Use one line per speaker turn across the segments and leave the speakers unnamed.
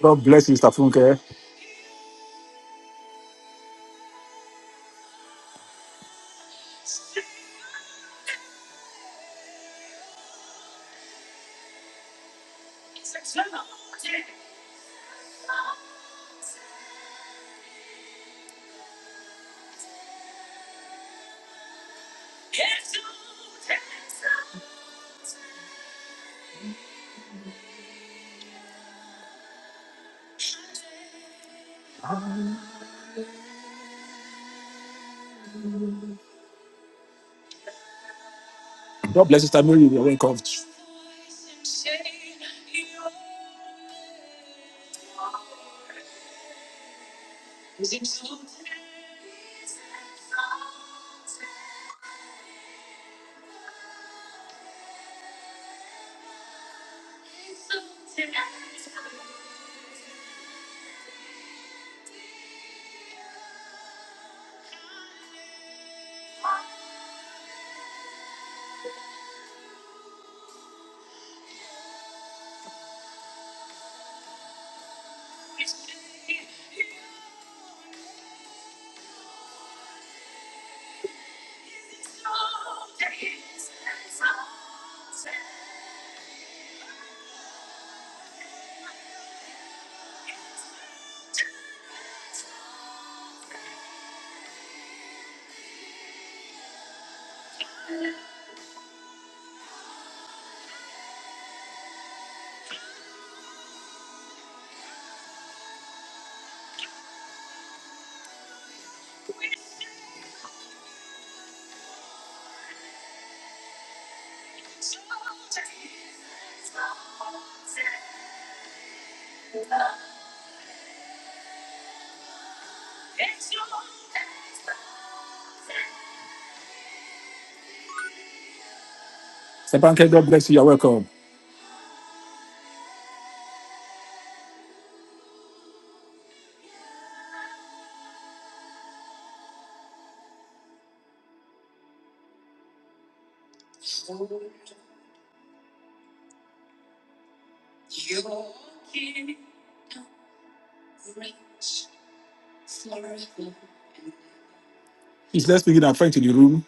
God bless you, Sister Funke. God bless you, Sister Mary. You're welcome. Sister Funke, God bless you. You're welcome. Please, let's begin our friend to the room.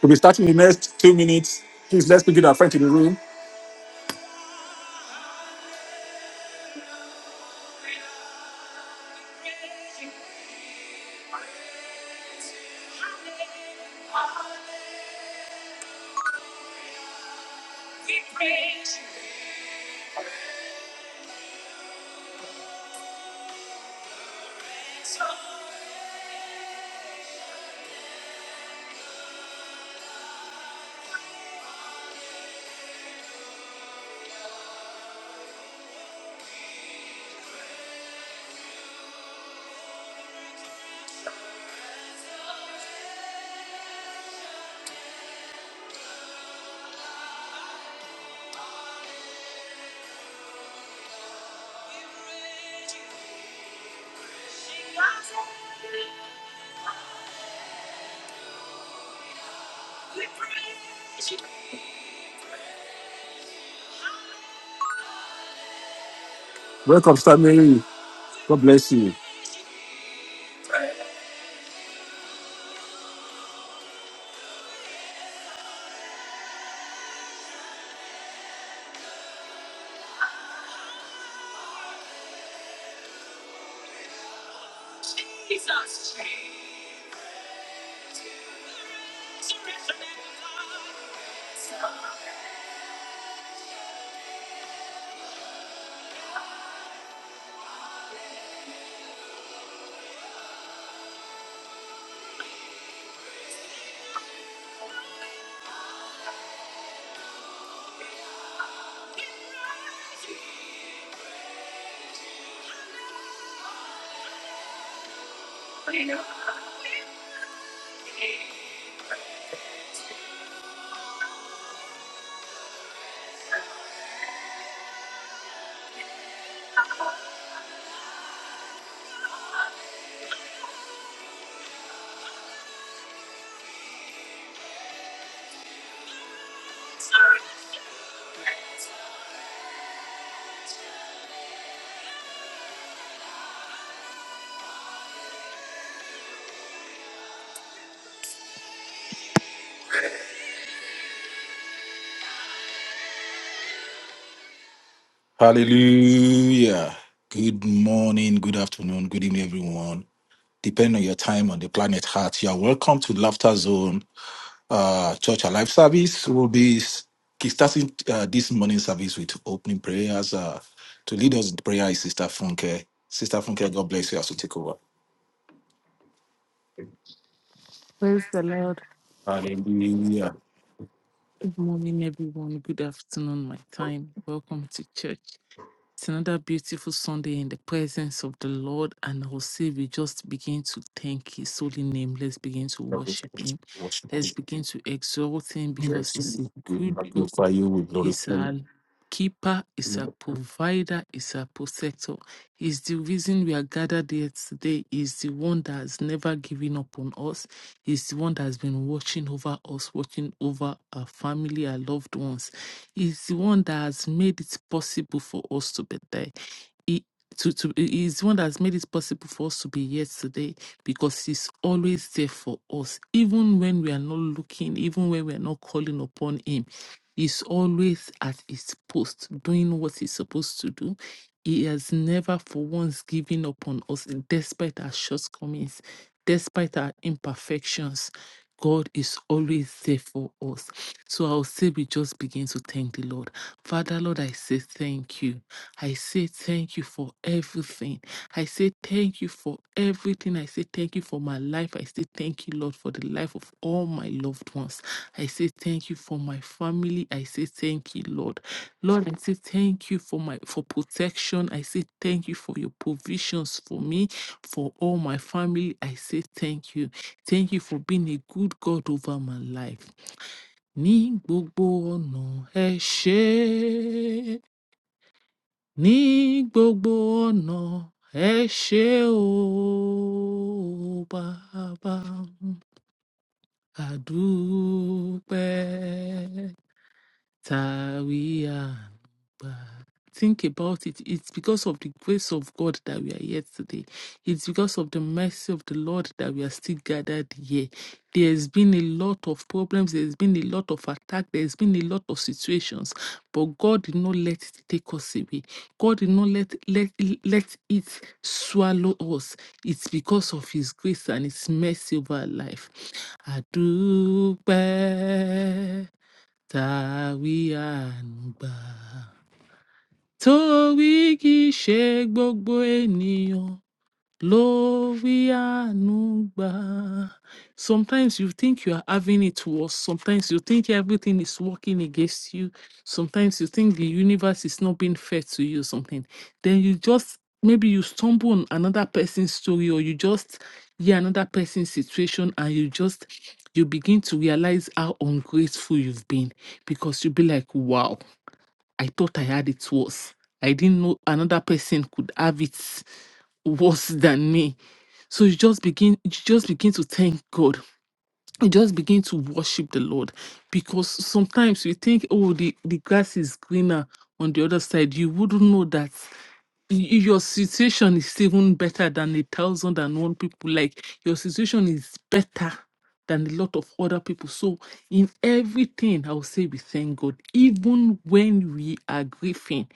We'll be starting in the next two minutes. Please, let's begin our friend to the room. Welcome, Sister Mary. God bless you. Hallelujah. Good morning, good afternoon, good evening, everyone. Depending on your time on the planet Heart, you are welcome to Laughter Zone uh, Church Alive service will be starting uh, this morning service with opening prayers. Uh, to lead us in prayer is Sister Funke. Sister Funke, God bless you as you take over.
Praise the Lord.
Hallelujah.
Good morning, everyone. Good afternoon, my time. Welcome to church. It's another beautiful Sunday in the presence of the Lord, and I will say we just begin to thank His holy name. Let's begin to
Praise,
worship Him.
worship,
Let's begin to exalt Him because
praise,
He's a
we
good God.
magnify
is
you.
our keeper, is our provider, is our protector. Is the reason we are gathered here today. Is the one that has never given up on us. Is the one that has been watching over us, watching over our family, our loved ones. Is the one that has made it possible for us to be there. He- To, to, he is the one that has made it possible for us to be here today because he's always there for us, even when we are not looking, even when we are not calling upon him is always at his post doing what he's supposed to do. He has never for once given up on us, despite our shortcomings, despite our imperfections. God is always there for us. So I'll say we just begin to thank the Lord. Father, Lord, I say thank you. I say thank you for everything. I say thank you for everything. I say thank you for my life. I say thank you, Lord, for the life of all my loved ones. I say thank you for my family. I say thank you, Lord. Lord, I say thank you for my for protection. I say thank you for your provisions for me, for all my family. I say thank you. Thank you for being a good God over my life. Ní gbogbo ọ̀nà ẹ ṣé. Ní gbogbo ọ̀nà ẹ ṣé o bàbá. Àdúpẹ́. we are. Think about it. It's because of the grace of God that we are here today. It's because of the mercy of the Lord that we are still gathered here. There's been a lot of problems, there's been a lot of attack, there's been a lot of situations, but God did not let it take us away. God did not let let, let it swallow us. It's because of his grace and his mercy over our life. I tàwí àǹgbà torí kì í ṣe gbogbo ènìyàn Glory Anugba. Sometimes you think you are having it worse. Sometimes you think everything is working against you. Sometimes you think the universe is not being fair to you or something. Then you just, maybe you stumble on another person's story or you just hear another person's situation and you just, you begin to realize how ungrateful you've been because you'll be like, wow. I thought I had it worse. I didn't know another person could have it worse than me. So you just begin you just begin to thank God. You just begin to worship the Lord. Because sometimes you think, oh, the, the grass is greener on the other side. You wouldn't know that y- your situation is even better than a thousand and one people. Like your situation is better than a lot of other people. So, in everything, I'll say we thank God. Even when we are grieving,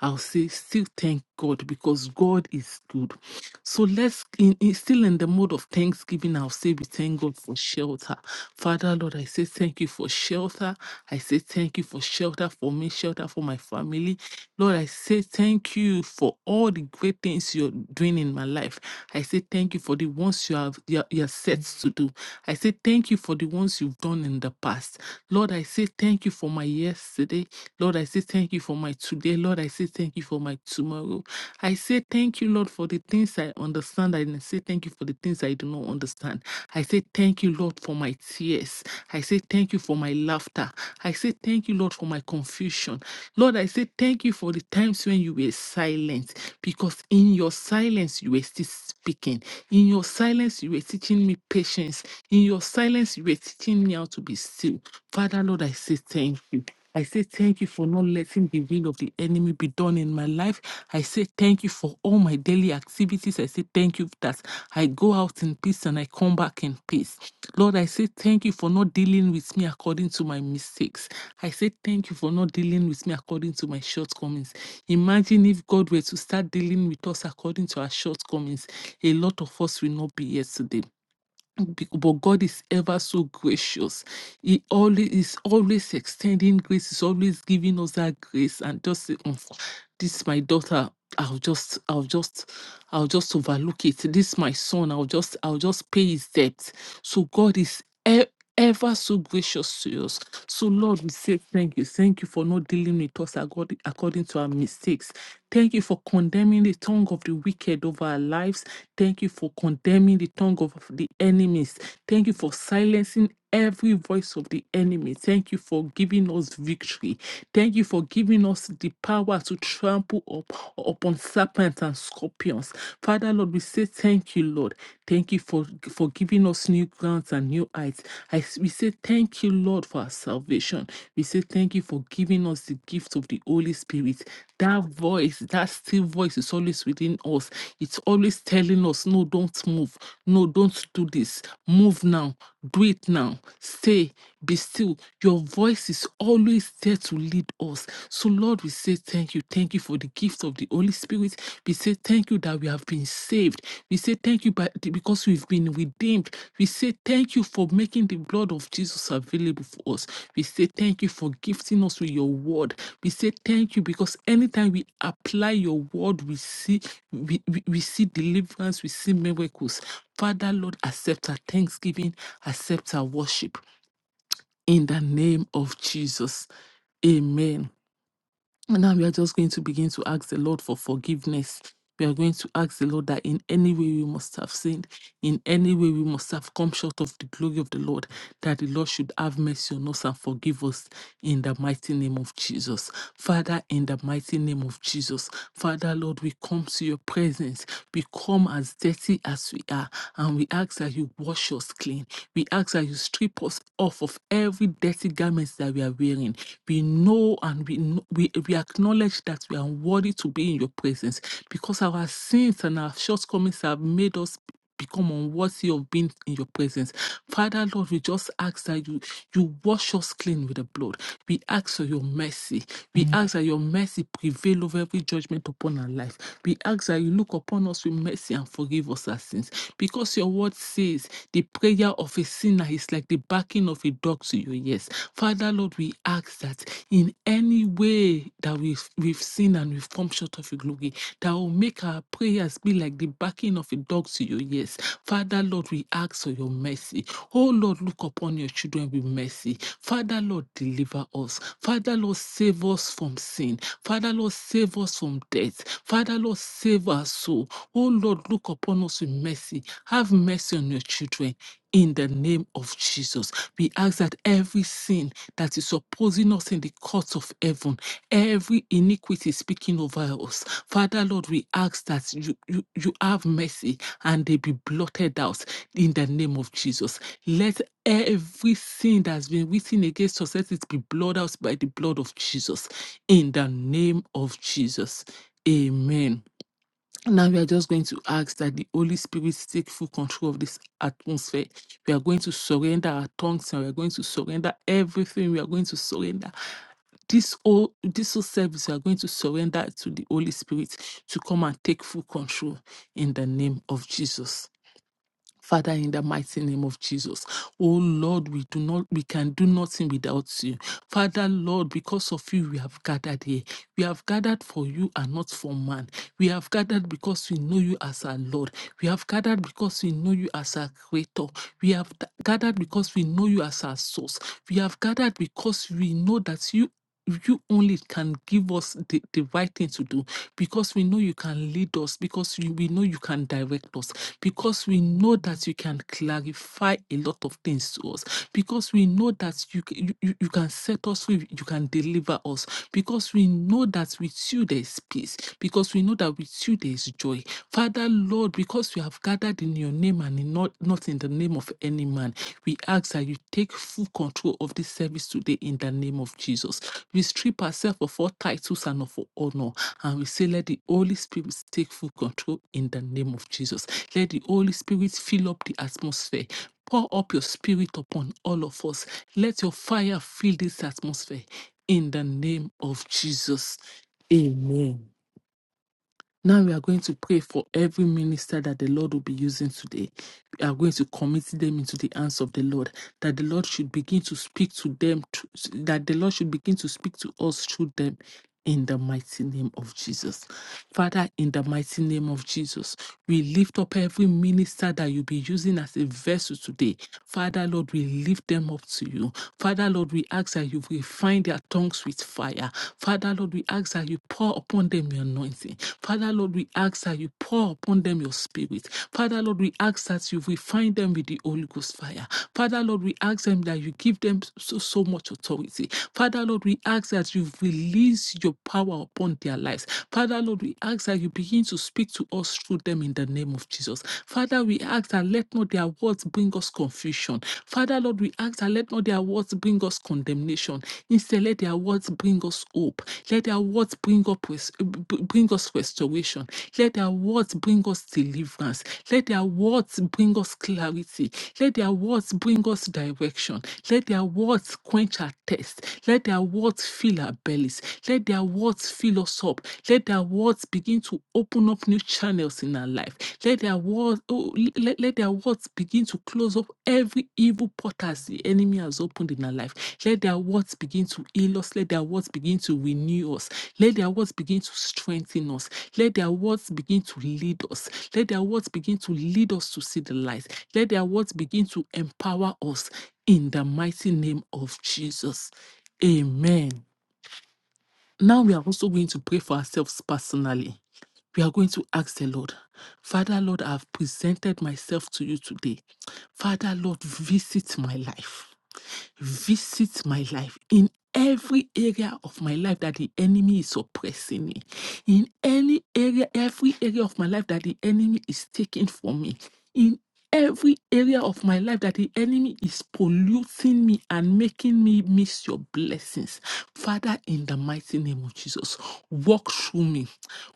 I'll say still thank God because God is good. So let's in, in- still in the mode of thanksgiving. I'll say we thank God for shelter. Father Lord, I say thank you for shelter. I say thank you for shelter for me, shelter for my family. Lord, I say thank you for all the great things you're doing in my life. I say thank you for the ones you have you're, you're set to do. I say thank you for the ones you've done in the past. Lord, I say thank you for my yesterday. Lord, I say thank you for my today. Lord, I say thank you for my tomorrow. I say thank you, Lord, for the things I understand. I say thank you for the things I do not understand. I say thank you, Lord, for my tears. I say thank you for my laughter. I say thank you, Lord, for my confusion. Lord, I say thank you for the times when you were silent, because in your silence you were still speaking. In your silence you were teaching me patience. In your silence you were teaching me how to be still. Father, Lord, I say thank you. I say thank you for not letting the will of the enemy be done in my life. I say thank you for all my daily activities. I say thank you that I go out in peace and I come back in peace. Lord, I say thank you for not dealing with me according to my mistakes. I say thank you for not dealing with me according to my shortcomings. Imagine if God were to start dealing with us according to our shortcomings, a lot of us will not be here today. Be- but God is ever so gracious. He always is always extending grace. He's always giving us that grace and just say, "Mm, this my daughter. I'll just, I'll just, I'll just overlook it. This my son. I'll just, I'll just pay his debt. So God is. e-, ever so gracious to us. So, Lord, we say thank you. Thank you for not dealing with us accord- according to our mistakes. Thank you for condemning the tongue of the wicked over our lives. Thank you for condemning the tongue of the enemies. Thank you for silencing every voice of the enemy. Thank you for giving us victory. Thank you for giving us the power to trample up, upon serpents and scorpions. Father, Lord, we say thank you, Lord. Thank you for, for giving us new grounds and new heights. I we say thank you, Lord, for our salvation. We say thank you for giving us the gift of the Holy Spirit. That voice, that still voice is always within us. It's always telling us, no, don't move. No, don't do this. Move now. Breathe now. Stay. Be still. Your voice is always there to lead us. So, Lord, we say thank you. Thank you for the gift of the Holy Spirit. We say thank you that we have been saved. We say thank you by, because we've been redeemed. We say thank you for making the blood of Jesus available for us. We say thank you for gifting us with your word. We say thank you because anytime we apply your word, we see we, we, we see deliverance, we see miracles. Father, Lord, accept our thanksgiving, accept our worship in the name of Jesus. Amen. And now we are just going to begin to ask the Lord for forgiveness. We are going to ask the Lord that in any way we must have sinned in any way we must have come short of the glory of the Lord, that the Lord should have mercy on us and forgive us in the mighty name of Jesus. Father, in the mighty name of Jesus, Father, Lord, we come to your presence. We come as dirty as we are, and we ask that you wash us clean. We ask that you strip us off of every dirty garments that we are wearing. We know and we, know, we, we acknowledge that we are unworthy to be in your presence because our sins and our shortcomings have made us become unworthy of being in your presence. Father, Lord, we just ask that you, you wash us clean with the blood. We ask for your mercy. We ask that your mercy prevail over every judgment upon our life. We ask that you look upon us with mercy and forgive us our sins. Because your word says the prayer of a sinner is like the barking of a dog to your ears. Father, Lord, we ask ask that in any way that we've, we've sinned and we've come short of your glory, that will make our prayers be like the barking of a dog to your ears. Father, Lord, we ask for your mercy. Oh, Lord, look upon your children with mercy. Father, Lord, deliver us. Father, Lord, save us from sin. Father, Lord, save us from death. Father, Lord, save our soul. Oh, Lord, look upon us with mercy. Have mercy on your children. In the name of Jesus, we ask that every sin that is opposing us in the courts of heaven, every iniquity speaking over us. Father, Lord, we ask that you, you, you have mercy and they be blotted out in the name of Jesus. Let every sin that has been written against us, let it be blotted out by the blood of Jesus in the name of Jesus. Amen. Now we are just going to ask that the Holy Spirit take full control of this atmosphere. We are going to surrender our tongues and we are going to surrender everything. We are going to surrender this whole this whole service. We are going to surrender to the Holy Spirit to come and take full control in the name of Jesus. Father, in the mighty name of Jesus. Oh Lord, we do not we can do nothing without you. Father, Lord, because of you we have gathered here. We have gathered for you and not for man. We have gathered because we know you as our Lord. We have gathered because we know you as our creator. We have th- gathered because we know you as our source. We have gathered because we know that you you only can give us the, the right thing to do because we know you can lead us, because you, we know you can direct us, because we know that you can clarify a lot of things to us, because we know that you, c- you, you you can set us free, you can deliver us, because we we know that with you there is peace, because we know that with you there is joy. Father, Lord, because we have gathered in your name and in not, not in the name of any man, we ask that you take full control of this service today in the name of Jesus. We strip ourselves of all titles and of all honor, and we say, let the Holy Spirit take full control in the name of Jesus. Let the Holy Spirit fill up the atmosphere. Pour up your spirit upon all of us. Let your fire fill this atmosphere in the name of Jesus. Amen. Now we are going to pray for every minister that the Lord will be using today. We are going to commit them into the hands of the Lord, that the Lord should begin to speak to them, thr- that the Lord should begin to speak to us through them in the mighty name of Jesus. Father, in the mighty name of Jesus, we lift up every minister that you'll be using as a vessel today. Father, Lord, we lift them up to you. Father, Lord, we ask that you refine their tongues with fire. Father, Lord, we ask that you pour upon them your anointing. Father, Lord, we ask that you pour upon them your spirit. Father, Lord, we ask that you refine them with the Holy Ghost fire. Father, Lord, we ask them that you give them so, so much authority. Father, Lord, we ask that you release release your power upon their lives. Father, Lord, we ask that you begin to speak to us through them in the name of Jesus. Father, we ask that let not their words bring us confusion. Father, Lord, we ask that let not their words bring us condemnation. Instead, let their words bring us hope. Let their words bring up res- b- bring us restoration. Let their words bring us deliverance. Let their words bring us clarity. Let their words bring us direction. Let their words quench our thirst. Let their words fill our bellies. Let their words fill us up. Let their words begin to open up new channels in our life. Let their words, oh, let, let their words begin to close up every evil portals the enemy has opened in our life. Let their words begin to heal us. Let their words begin to renew us. Let their words begin to strengthen us. Let their words begin to lead us. Let their words begin to lead us to see the light. Let their words begin to empower us in the mighty name of Jesus. Amen. Now we are also going to pray for ourselves personally. We are going to ask the Lord, Father, Lord, I have presented myself to you today. Father, Lord, visit my life visit my life in every area of my life that the enemy is oppressing me, in any area, every area of my life that the enemy is taking from me, in every area of my life that the enemy is polluting me and making me miss your blessings. Father, in the mighty name of Jesus, walk through me,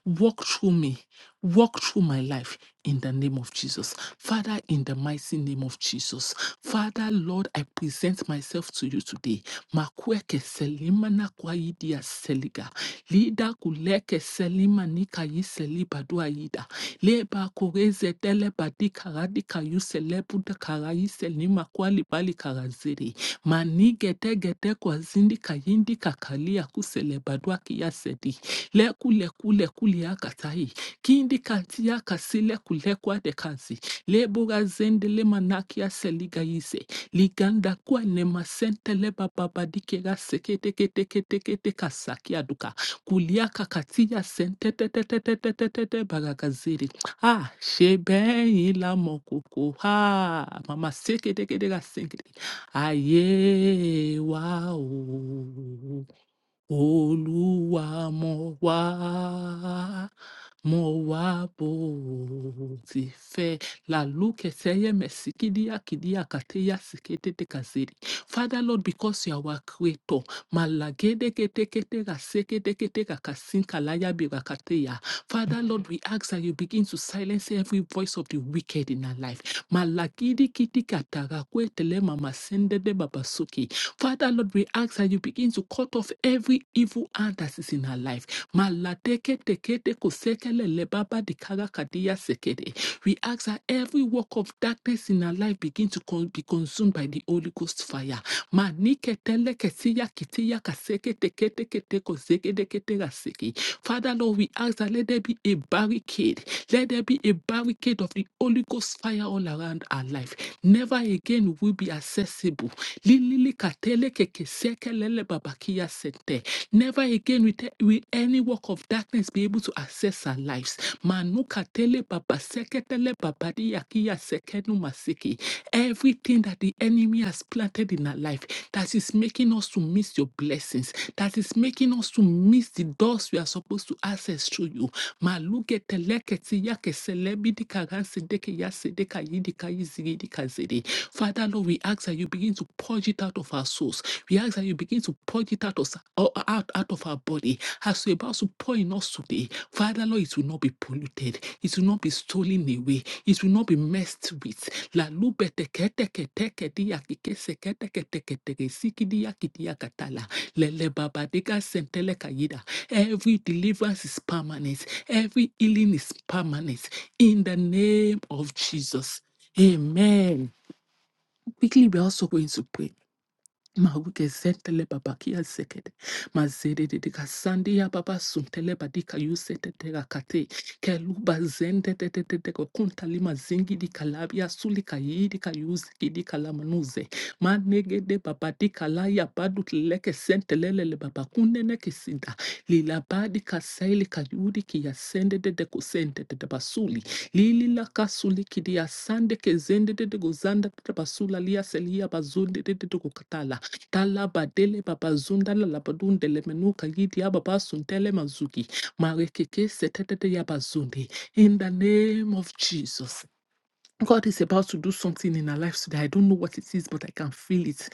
walk through me, Walk through my life in the name of Jesus. Father, in the mighty name of Jesus. Father, Lord, I present myself to you today. Makweke selimana kwa idia seliga. Lida kuleke selima nika yi seliba dua ida. Leba kureze tele badika radika yu selebu da kara yi selima kwa libali karaziri. Mani gete gete kwa zindi kayindi kakalia kuseleba dua kia sedi. Leku leku leku liakatai. Kindi kantia kasile kulekwa de kansi. Lebura zende le manakia seliga yise. Liganda kwa nema sente le bababadike ga seke teke teke teke teka sakia duka. Kuliaka katia sente te te te te te te te te bagagaziri. Ah, shebe ila mokoko. Ha, mama seke teke teka seke. Aye, wa o. Oluwa mo wa mo wá bò ó ti fẹ́ laluke seyeme sikidia kidia kateya siketete kazeri. Father Lord, because you are our creator, malagede kete kete kasekete kete kakasinka layabi kateya. Father Lord, we ask that you begin to silence every voice of the wicked in our life. Malagidi kiti katarakwe tele mama sende de babasuki. Father Lord, we ask that you begin to cut off every evil hand that is in our life. Maladeke tekete kosekele lebaba dikara kadia sekede. We ask that every work of darkness in our life begin to con- be consumed by the Holy Ghost fire. Manike kesiya kitiya kaseke tekete kete koseke dekete raseke. Father Lord, we ask that let there be a barricade. Let there be a barricade of the Holy Ghost fire all around our life. Never again will we be accessible. Lilili katele keke seke lele babakia sete. Never again will, te- will any work of darkness be able to access our lives. Manuka tele baba seketele babadi yakiya sekenu masiki. Everything that the enemy has planted in our life that is making us to miss your blessings, that is making us to miss the doors we are supposed to access through you. Maluke teleketi yake selebidi kagansedeke yasedeka yidika yizigidika zede. Father Lord, we ask that you begin to purge it out of our souls. We ask that you begin to point it out, us, out, out of our body. As you're about to pour in us today, Father Lord, it will not be polluted. It will not be stolen away. It will not be messed with. La lube teke teke teke dia kike seke teke teke teke siki dia kidia katala. Lele baba deka sentele kayida. Every deliverance is permanent. Every healing is permanent. In the name of Jesus. Amen. Quickly, we're also going to pray. Mawuke zentele babakia sekede. Mazede de sandi ya baba suntele badika yusete de kate. Keluba zende de de de de kunta lima zingi di kalabia suli kayi di kayuzi di kalamanuze. Manege de baba di kalaya badu leke sentelele le baba kunene kisinda. Lila badi kasaili kayudi ki ya sende de sende kusende de de basuli. Lili la kasuli ki di ya sande ke zende de zanda gozanda liya de basula selia bazunde de de Talaba dele baba zunda la labadun dele menuka yidi ababa suntele mazuki. Marekeke setetete yaba zundi. In the name of Jesus. God is about to do something in our lives today. I don't know what it is, but I can feel it.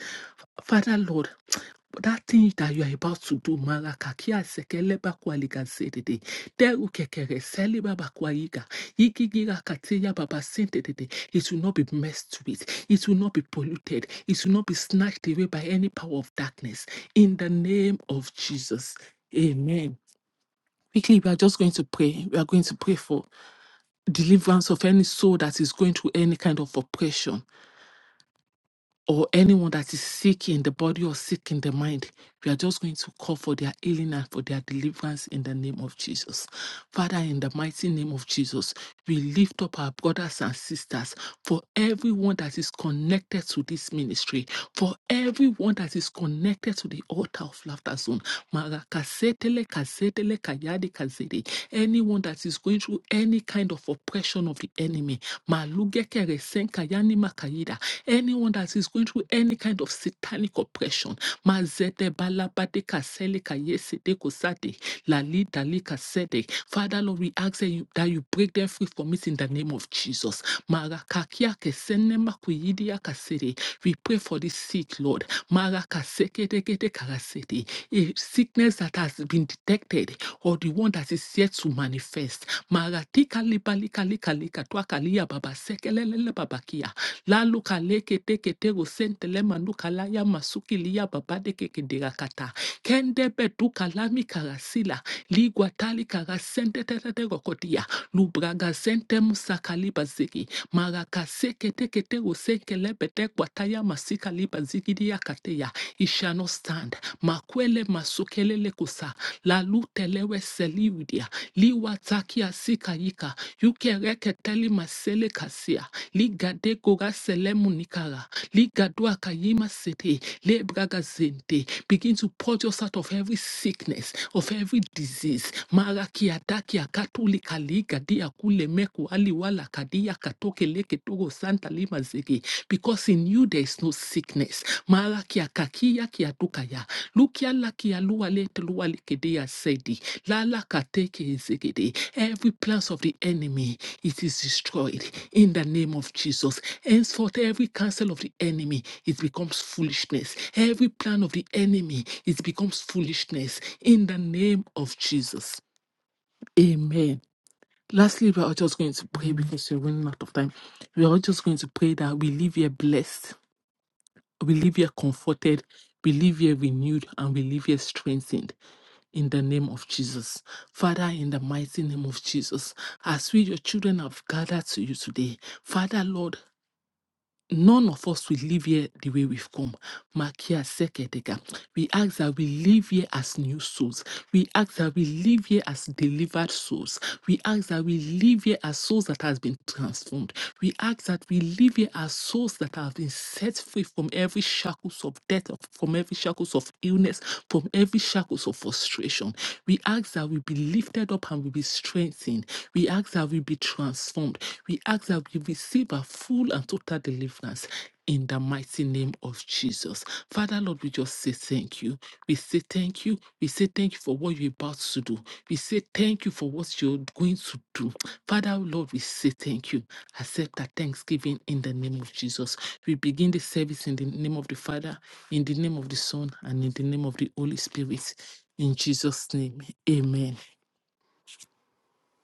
Father, Lord. But that thing that you are about to do, Malakakia sekele bakwaliga zedede, deru kekere sele babakwayiga, yigigira kateya babasintedede. It will not be messed with, it will not be polluted, it will not be snatched away by any power of darkness. In the name of Jesus. Amen. Quickly, we are just going to pray. We are going to pray for deliverance of any soul that is going through any kind of oppression or anyone that is sick in the body or sick in the mind, we are just going to call for their healing and for their deliverance in the name of Jesus. Father, in the mighty name of Jesus, we lift up our brothers and sisters for everyone that is connected to this ministry, for everyone that is connected to the altar of laughter zone. Marakasetele, kasetele, kayade, kazede. Anyone that is going through any kind of oppression of the enemy, Malugekere, senkayani, makayida. Anyone that is going through any kind of satanic oppression, Mazete balabade kasele kayesede kosade, lali dali kasede. Father Lord, we ask that you, that you break them free from it in the name of Jesus. Marakakia kesene makuyidia kasede. We pray for the sick, Lord. Marakasekedekede karasede. A sickness that has been detected or the one that is yet to manifest. Maratika libalika lika lika twakalia baba sekelelele babakia. La luka leke teke tego sente lema nuka la ya masuki liya babade keke derakata. Kende beduka lami karasila. Ligwa tali karasente tete tego kotia. Lubraga sente musaka liba ziki. Maraka seke teke tego senke lebe tegwa taya masika liba ziki diya kateya. It shall not stand. Makwele masukelele kusa. La lutelewe seliwidia. Liwa takia sika yika. Yukereke teli masele kasia ligade goga selemunikara ligadua kayima sete lebraga zente begin to purge us out of every sickness of every disease maraki ataki akatuli kaliga dia kule meku ali kadia katoke leke togo santa lima zege because in you there is no sickness maraki akakia kiatukaya Lukia lakia lua lete lua likedea sedi. Lala kateke ezegede. Every plans of the enemy, it is destroyed in the name of Jesus. Henceforth, every counsel of the enemy, it becomes foolishness. Every plan of the enemy, it becomes foolishness in the name of Jesus. Amen. Lastly, we are just going to pray because we're running out of time. We are just going to pray that we live here blessed we live here comforted, we live here renewed, and we live here strengthened in the name of Jesus. Father, in the mighty name of Jesus, as we, your children, have gathered to you today, Father, Lord, None of us will live here the way we've come. Makia Sekedega. We ask that we live here as new souls. We ask that we live here as delivered souls. We ask that we live here as souls that has been transformed. We ask that we live here as souls that have been set free from every shackles of death, of- from every shackles of illness, from every shackles of frustration. We ask that we be lifted up and we be strengthened. We ask that we be transformed transformed. We ask that we receive a full and total deliverance in the mighty name of Jesus. Father, Lord, we just say thank you. We say thank you. We say thank you for what you're about to do. We say thank you for what you're going to do. Father, Lord, we say thank you. Accept our thanksgiving in the name of Jesus. We begin the service in the name of the Father, in the name of the Son, and in the name of the Holy Spirit. In Jesus' name, amen.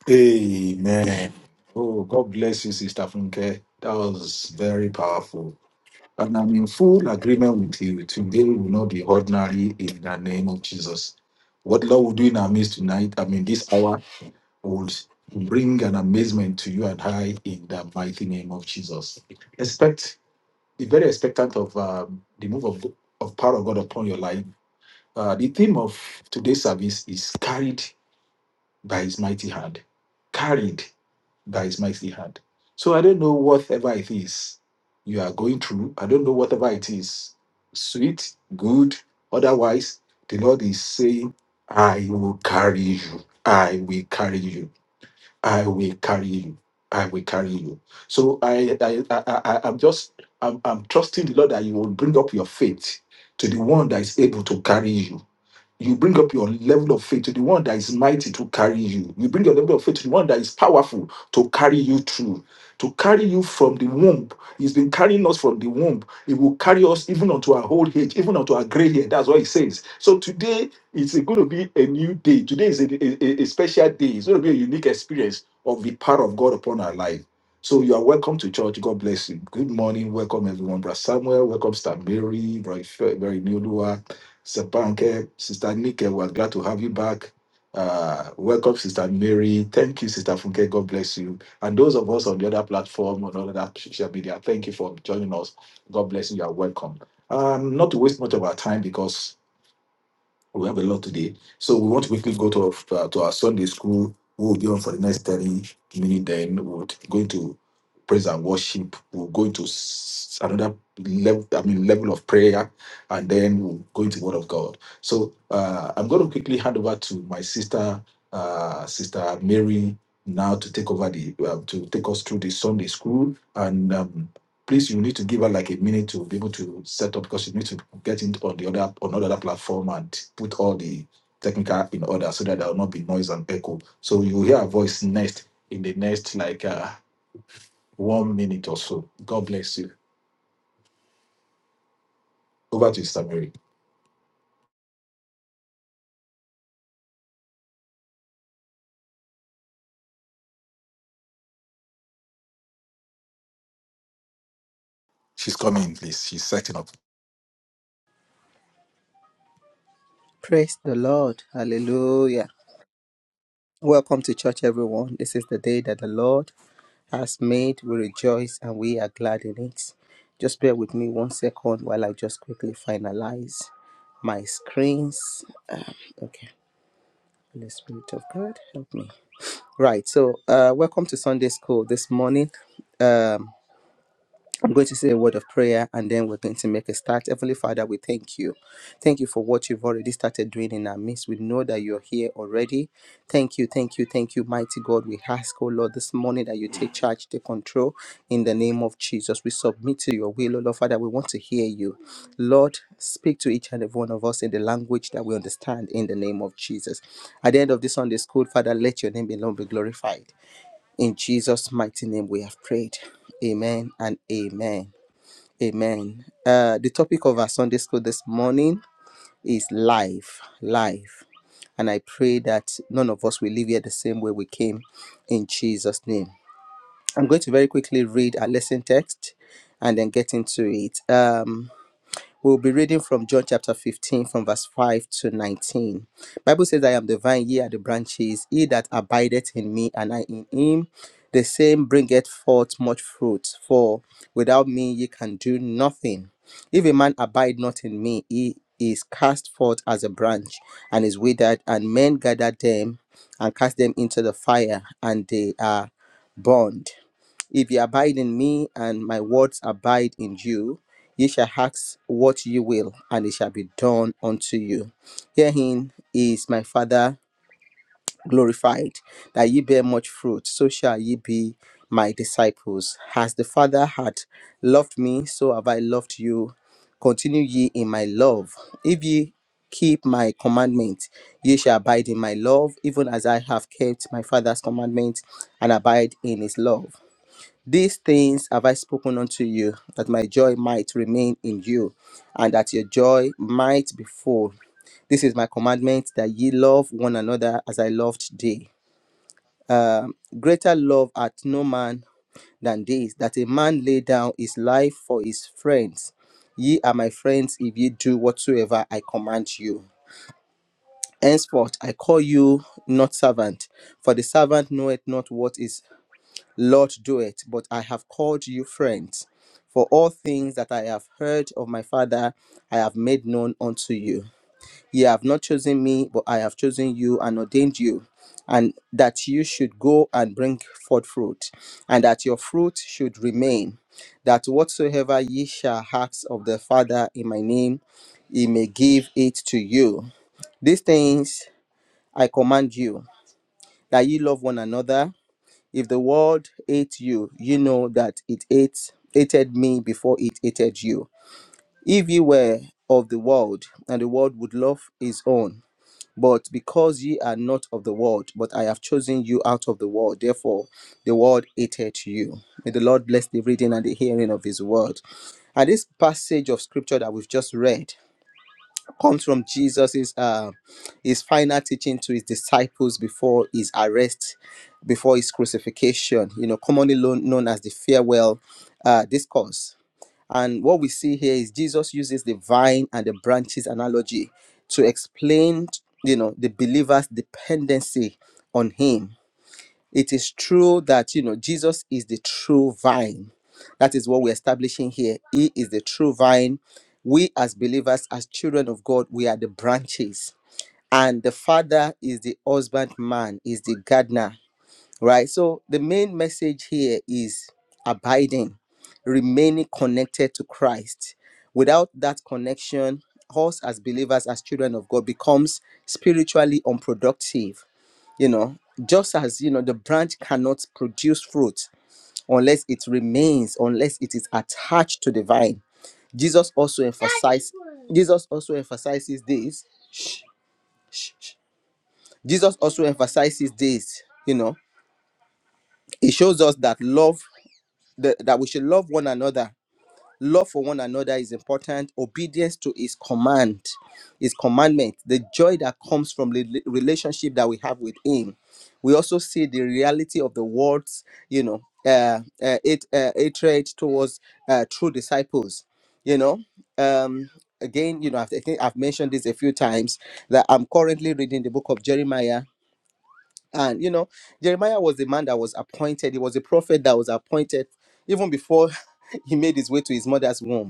Amen. Oh, God bless you, Sister Funke. That was very powerful. And I'm in full agreement with you. Today will not be ordinary in the name of Jesus. What Lord will do in our midst tonight, I mean, this hour would bring an amazement to you and I in the mighty name of Jesus. Expect, be very expectant of um, the move of, of power of God upon your life. Uh, the theme of today's service is carried by his mighty hand. Carried by his mighty hand. So I don't know whatever it is you are going through. I don't know whatever it is, sweet, good, otherwise. The Lord is saying, I will carry you. I will carry you. I will carry you. I will carry you. So I, I, I, I I'm just, I'm, I'm trusting the Lord that you will bring up your faith to the one that is able to carry you you bring up your level of faith to the one that is mighty to carry you. You bring your level of faith to the one that is powerful to carry you through, to carry you from the womb. He's been carrying us from the womb. He will carry us even unto our old age, even unto our gray hair. That's what he says. So today it's going to be a new day. Today is a, a a- special day. It's going to be a unique experience of the power of God upon our life. So you are welcome to church. God bless you. Good morning. Welcome everyone. Brother Samuel. Welcome Stan Mary. Brother Ife- Brother Inioluwa. Sepanke, Sister Nike, we're glad to have you back. Uh, welcome, Sister Mary. Thank you, Sister Funke. God bless you. And those of us on the other platform, on all other social media, thank you for joining us. God bless you. You are welcome. Um, not to waste much of our time because we have a lot today. So we want to quickly go to, our- to our Sunday school. We will be on for the next 30 minutes. Then we will go into praise and worship. We'll go into s- another level, I mean, level of prayer. And then we'll go into the Word of God. So uh, I'm going to quickly hand over to my sister, uh, Sister Mary, now to take over the, uh, to take us through the Sunday school. And um, Please, you need to give her like a minute to be able to set up because you need to get into on the other on another platform and put all the technical in order so that there will not be noise and echo. So you will hear a voice next in the next like uh, one minute or so. God bless you. Over to Sister Mary. She's coming, in, please. She's setting up.
Praise the Lord. Hallelujah. Welcome to church, everyone. This is the day that the Lord has made. We rejoice and we are glad in it. Just bear with me one second while I just quickly finalize my screens. Um, okay. Holy Spirit of God, help me. Right. So, uh, welcome to Sunday school this morning. Um, I'm going to say a word of prayer and then we're going to make a start. Heavenly Father, we thank you. Thank you for what you've already started doing in our midst. We know that you're here already. Thank you, thank you, thank you, mighty God. We ask, oh Lord, this morning that you take charge, take control in the name of Jesus. We submit to your will, oh Lord Father. We want to hear you. Lord, speak to each and every one of us in the language that we understand in the name of Jesus. At the end of this Sunday school, Father, let your name alone be glorified. In Jesus' mighty name we have prayed. Amen and amen. Amen. Uh, the topic of our Sunday school this morning is life, life. And I pray that none of us will leave here the same way we came in Jesus' name. I'm going to very quickly read our lesson text and then get into it. Um. We'll be reading from John chapter 15 from verse 5 to 19. Bible says, I am the vine, ye are the branches, he that abideth in me and I in him, the same bringeth forth much fruit, for without me ye can do nothing. If a man abide not in me, he is cast forth as a branch and is withered, and men gather them and cast them into the fire, and they are burned. If ye abide in me and my words abide in you, ye shall ask what ye will, and it shall be done unto you. Herein is my Father glorified, that ye bear much fruit, so shall ye be my disciples. As the Father hath loved me, so have I loved you. Continue ye in my love. If ye keep my commandments, ye shall abide in my love, even as I have kept my Father's commandments and abide in his love. These things have I spoken unto you, that my joy might remain in you, and that your joy might be full. This is my commandment, that ye love one another as I loved thee. Um, greater love hath no man than this, that a man lay down his life for his friends. Ye are my friends if ye do whatsoever I command you. Henceforth I call you not servant, for the servant knoweth not what is Lord, do it. But I have called you friends. For all things that I have heard of my Father, I have made known unto you. Ye have not chosen me, but I have chosen you and ordained you, and that you should go and bring forth fruit, and that your fruit should remain, that whatsoever ye shall ask of the Father in my name, he may give it to you. These things I command you, that ye love one another. If the world ate you, you know that it ate hated me before it hated you. If ye were of the world, and the world would love his own. But because ye are not of the world, but I have chosen you out of the world, therefore the world hated you. May the Lord bless the reading and the hearing of his word. And this passage of scripture that we've just read comes from Jesus's uh, his final teaching to his disciples before his arrest, before his crucifixion. You know, commonly lo- known as the farewell uh, discourse. And what we see here is Jesus uses the vine and the branches analogy to explain, you know, the believer's dependency on Him it is true that you know jesus is the true vine that is what we're establishing here he is the true vine we as believers as children of god we are the branches and the father is the husbandman, is the gardener right so the main message here is abiding remaining connected to christ without that connection us as believers as children of god becomes spiritually unproductive you know just as you know the branch cannot produce fruit unless it remains unless it is attached to the vine jesus also emphasizes jesus also emphasizes this Shh, shh, shh. jesus also emphasizes this you know it shows us that love that, that we should love one another Love for one another is important. Obedience to his command, his commandment, the joy that comes from the relationship that we have with him. We also see the reality of the world's, you know, uh, uh, it, uh, hatred towards uh, true disciples. You know, um, again, you know, I've- I think I've mentioned this a few times that I'm currently reading the book of Jeremiah, and you know, Jeremiah was the man that was appointed. He was a prophet that was appointed even before he made his way to his mother's womb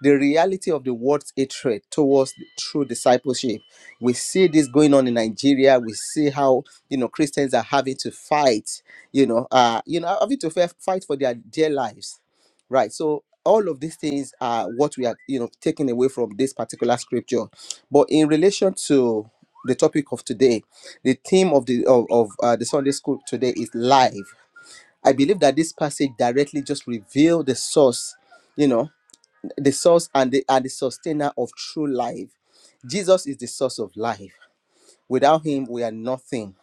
the reality of the world's hatred towards true discipleship. We see this going on in Nigeria. We see how you know Christians are having to fight, you know, uh, you know, having to fa- fight for their dear lives, right? So all of these things are what we are, you know, taking away from this particular scripture. But in relation to the topic of today, the theme of the of, of uh, the Sunday school today is life. I believe that this passage directly just reveal the source, you know the source and the and the sustainer of true life. Jesus is the source of life. Without him, we are nothing.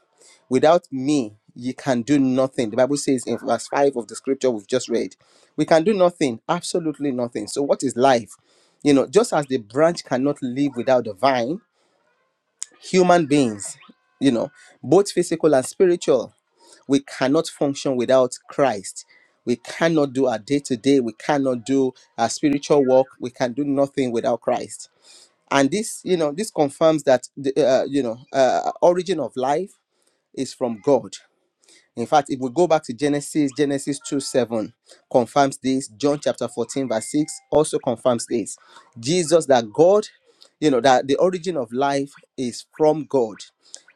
Without me, you can do nothing. The Bible says in verse 5 of the scripture we've just read, we can do nothing, absolutely nothing. So, what is life? You know, just as the branch cannot live without the vine, human beings, you know, both physical and spiritual we cannot function without Christ. We cannot do our day to day. We cannot do our spiritual work. We can do nothing without Christ. And this, you know, this confirms that the uh, you know uh, origin of life is from God. In fact, if we go back to Genesis, Genesis 2 7 confirms this. John chapter 14, verse 6 also confirms this. Jesus, that God, you know, that the origin of life is from God.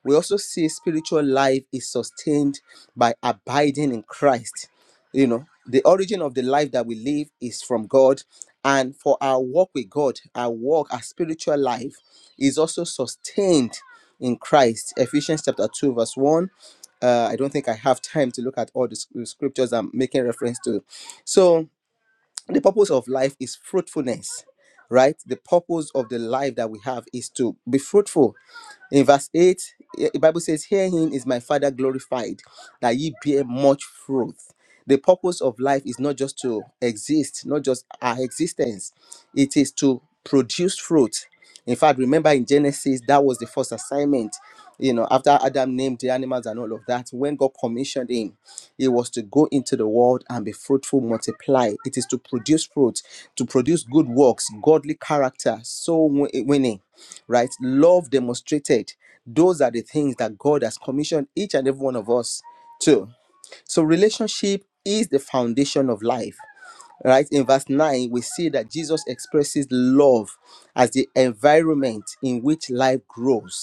We also see spiritual life is sustained by abiding in Christ. You know, the origin of the life that we live is from God. And for our walk with God, our walk, our spiritual life is also sustained in Christ. Ephesians chapter 2, verse 1 uh, I don't think I have time to look at all the sc- the scriptures I'm making reference to. So, the purpose of life is fruitfulness, right? The purpose of the life that we have is to be fruitful in verse 8, eh, the Bible says, Herein is my Father glorified, that ye bear much fruit. The purpose of life is not just to exist, not just our existence, it is to produce fruit. In fact, remember in Genesis, that was the first assignment. You know, after Adam named the animals and all of that, when God commissioned him, it was to go into the world and be fruitful, multiply. It is to produce fruit, to produce good works, godly character, soul wi- winning right? Love demonstrated. Those are the things that God has commissioned each and every one of us to. So, relationship is the foundation of life, right? In verse 9, we see that Jesus expresses love as the environment in which life grows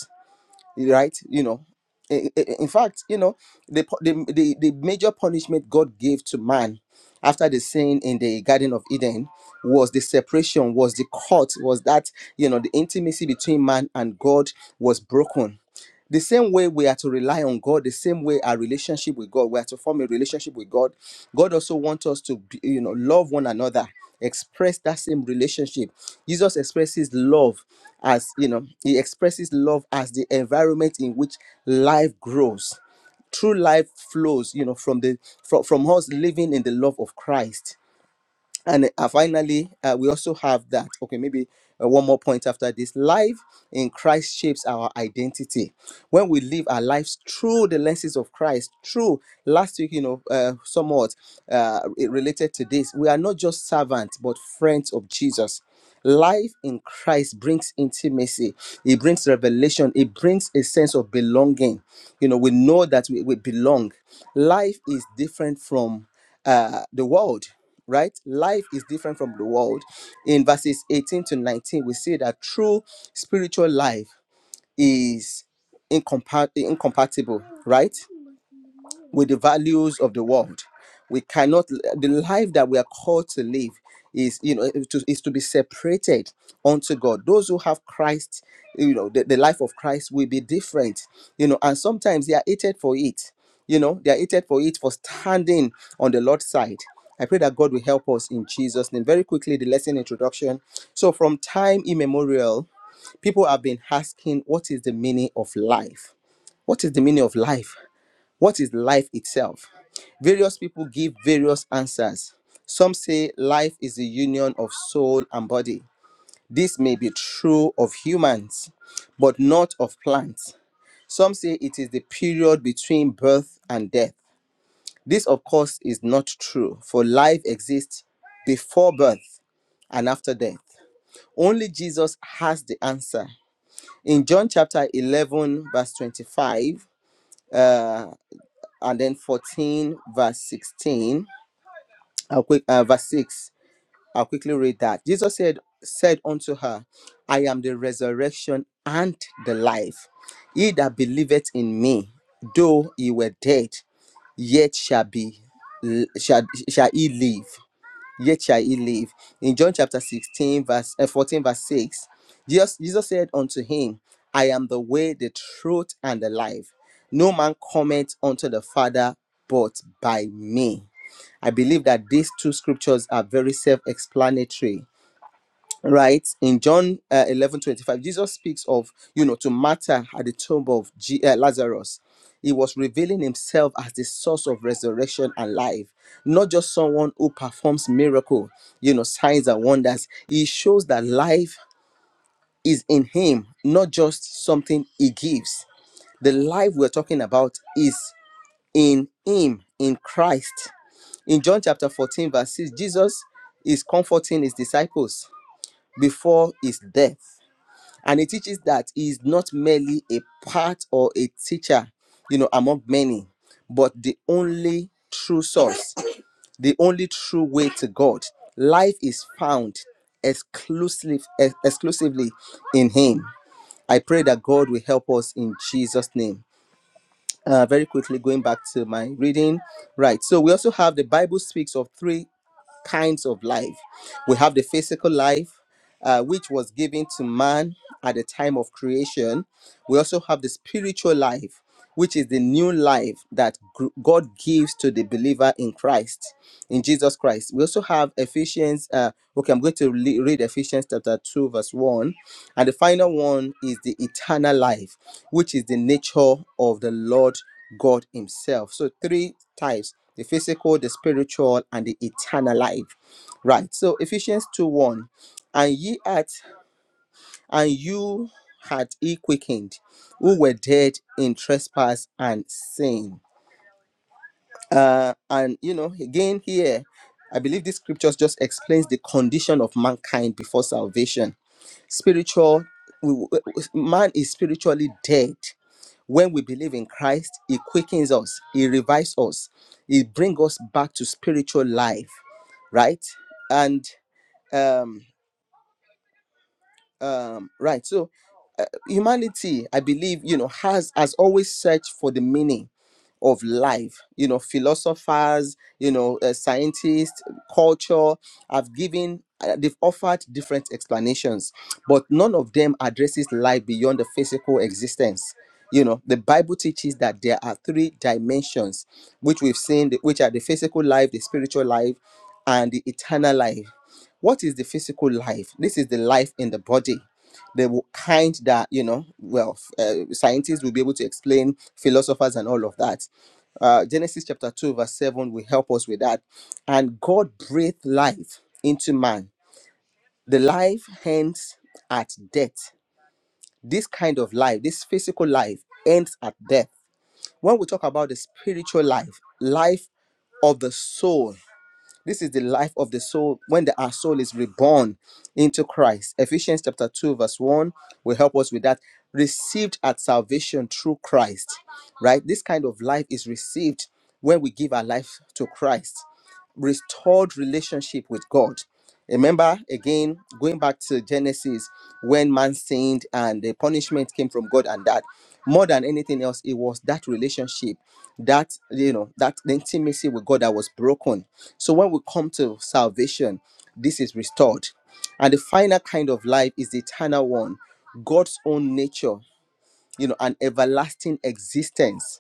right you know I- I- in fact you know the, pu- the the the major punishment god gave to man after the sin in the garden of eden was the separation was the cut was that you know the intimacy between man and god was broken the same way we are to rely on God, the same way our relationship with God, we are to form a relationship with God. God also wants us to, be, you know, love one another, express that same relationship. Jesus expresses love as, you know, he expresses love as the environment in which life grows. True life flows, you know, from the from, from us living in the love of Christ and uh, finally uh, we also have that okay maybe uh, one more point after this life in christ shapes our identity when we live our lives through the lenses of christ through last week you know uh, somewhat uh, it related to this we are not just servants but friends of jesus life in christ brings intimacy it brings revelation it brings a sense of belonging you know we know that we, we belong life is different from uh, the world, right? Life is different from the world. In verses 18 to 19, we see that true spiritual life is incompa- incompatible, right? with the values of the world. We cannot the life that we are called to live is you know to, is to be separated unto God. Those who have Christ, you know, the, the life of Christ will be different, you know, and sometimes they are hated for it. You know, they are hated for it for standing on the Lord's side. I pray that God will help us in Jesus' name. Very quickly, the lesson introduction. So, from time immemorial, people have been asking, What is the meaning of life? What is the meaning of life? What is life itself? Various people give various answers. Some say life is the union of soul and body. This may be true of humans, but not of plants. Some say it is the period between birth and death. This, of course, is not true, for life exists before birth and after death. Only Jesus has the answer. In John chapter 11, verse 25, uh, and then 14, verse 16, I'll quick uh, verse 6 i'll quickly read that jesus said said unto her i am the resurrection and the life he that believeth in me though he were dead yet shall be shall, shall he live yet shall he live. In John chapter 16, verse uh, 14, verse 6, Jesus, Jesus said unto him, I am the way, the truth, and the life. No man cometh unto the Father but by me. I believe that these two scriptures are very self explanatory right in john uh, 11 twenty-five, jesus speaks of you know to martha at the tomb of G- uh, lazarus he was revealing himself as the source of resurrection and life not just someone who performs miracle you know signs and wonders he shows that life is in him not just something he gives the life we're talking about is in him in christ in john chapter 14 verse 6 jesus is comforting his disciples before his death and it teaches that he is not merely a part or a teacher you know among many but the only true source the only true way to god life is found exclusively, exclusively in him i pray that god will help us in jesus name uh, very quickly going back to my reading right so we also have the bible speaks of three kinds of life we have the physical life uh, which was given to man at the time of creation. We also have the spiritual life, which is the new life that God gives to the believer in Christ, in Jesus Christ. We also have Ephesians. Uh, okay, I'm going to read Ephesians chapter 2, verse 1. And the final one is the eternal life, which is the nature of the Lord God Himself. So, three types the physical, the spiritual, and the eternal life. Right. So, Ephesians 2 1 and ye at and you had he quickened who were dead in trespass and sin uh and you know again here i believe this scriptures just explains the condition of mankind before salvation spiritual we, we- man is spiritually dead when we believe in christ he quickens us he revives us he brings us back to spiritual life right and um. um right so uh, humanity i believe you know has has always searched for the meaning of life you know philosophers you know uh, scientists culture have given uh, they've offered different explanations but none of them addresses life beyond the physical existence you know the bible teaches that there are three dimensions which we've seen the- which are the physical life the spiritual life and the eternal life what is the physical life? This is the life in the body. The kind that, you know, well, uh, scientists will be able to explain, philosophers and all of that. Uh, Genesis chapter 2, verse 7 will help us with that. And God breathed life into man. The life ends at death. This kind of life, this physical life, ends at death. When we talk about the spiritual life, life of the soul. This is the life of the soul when the, our soul is reborn into Christ. Ephesians chapter 2, verse 1 will help us with that. Received at salvation through Christ, right? This kind of life is received when we give our life to Christ restored relationship with God. Remember, again, going back to Genesis, when man sinned and the punishment came from God, and that more than anything else, it was that relationship, that, you know, that intimacy with God that was broken. So when we come to salvation, this is restored. And the final kind of life is the eternal one, God's own nature, you know, an everlasting existence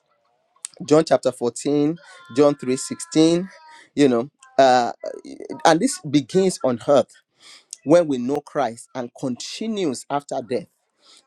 John chapter 14, John 3:16, you know, uh, and this begins on earth when we know Christ and continues after death.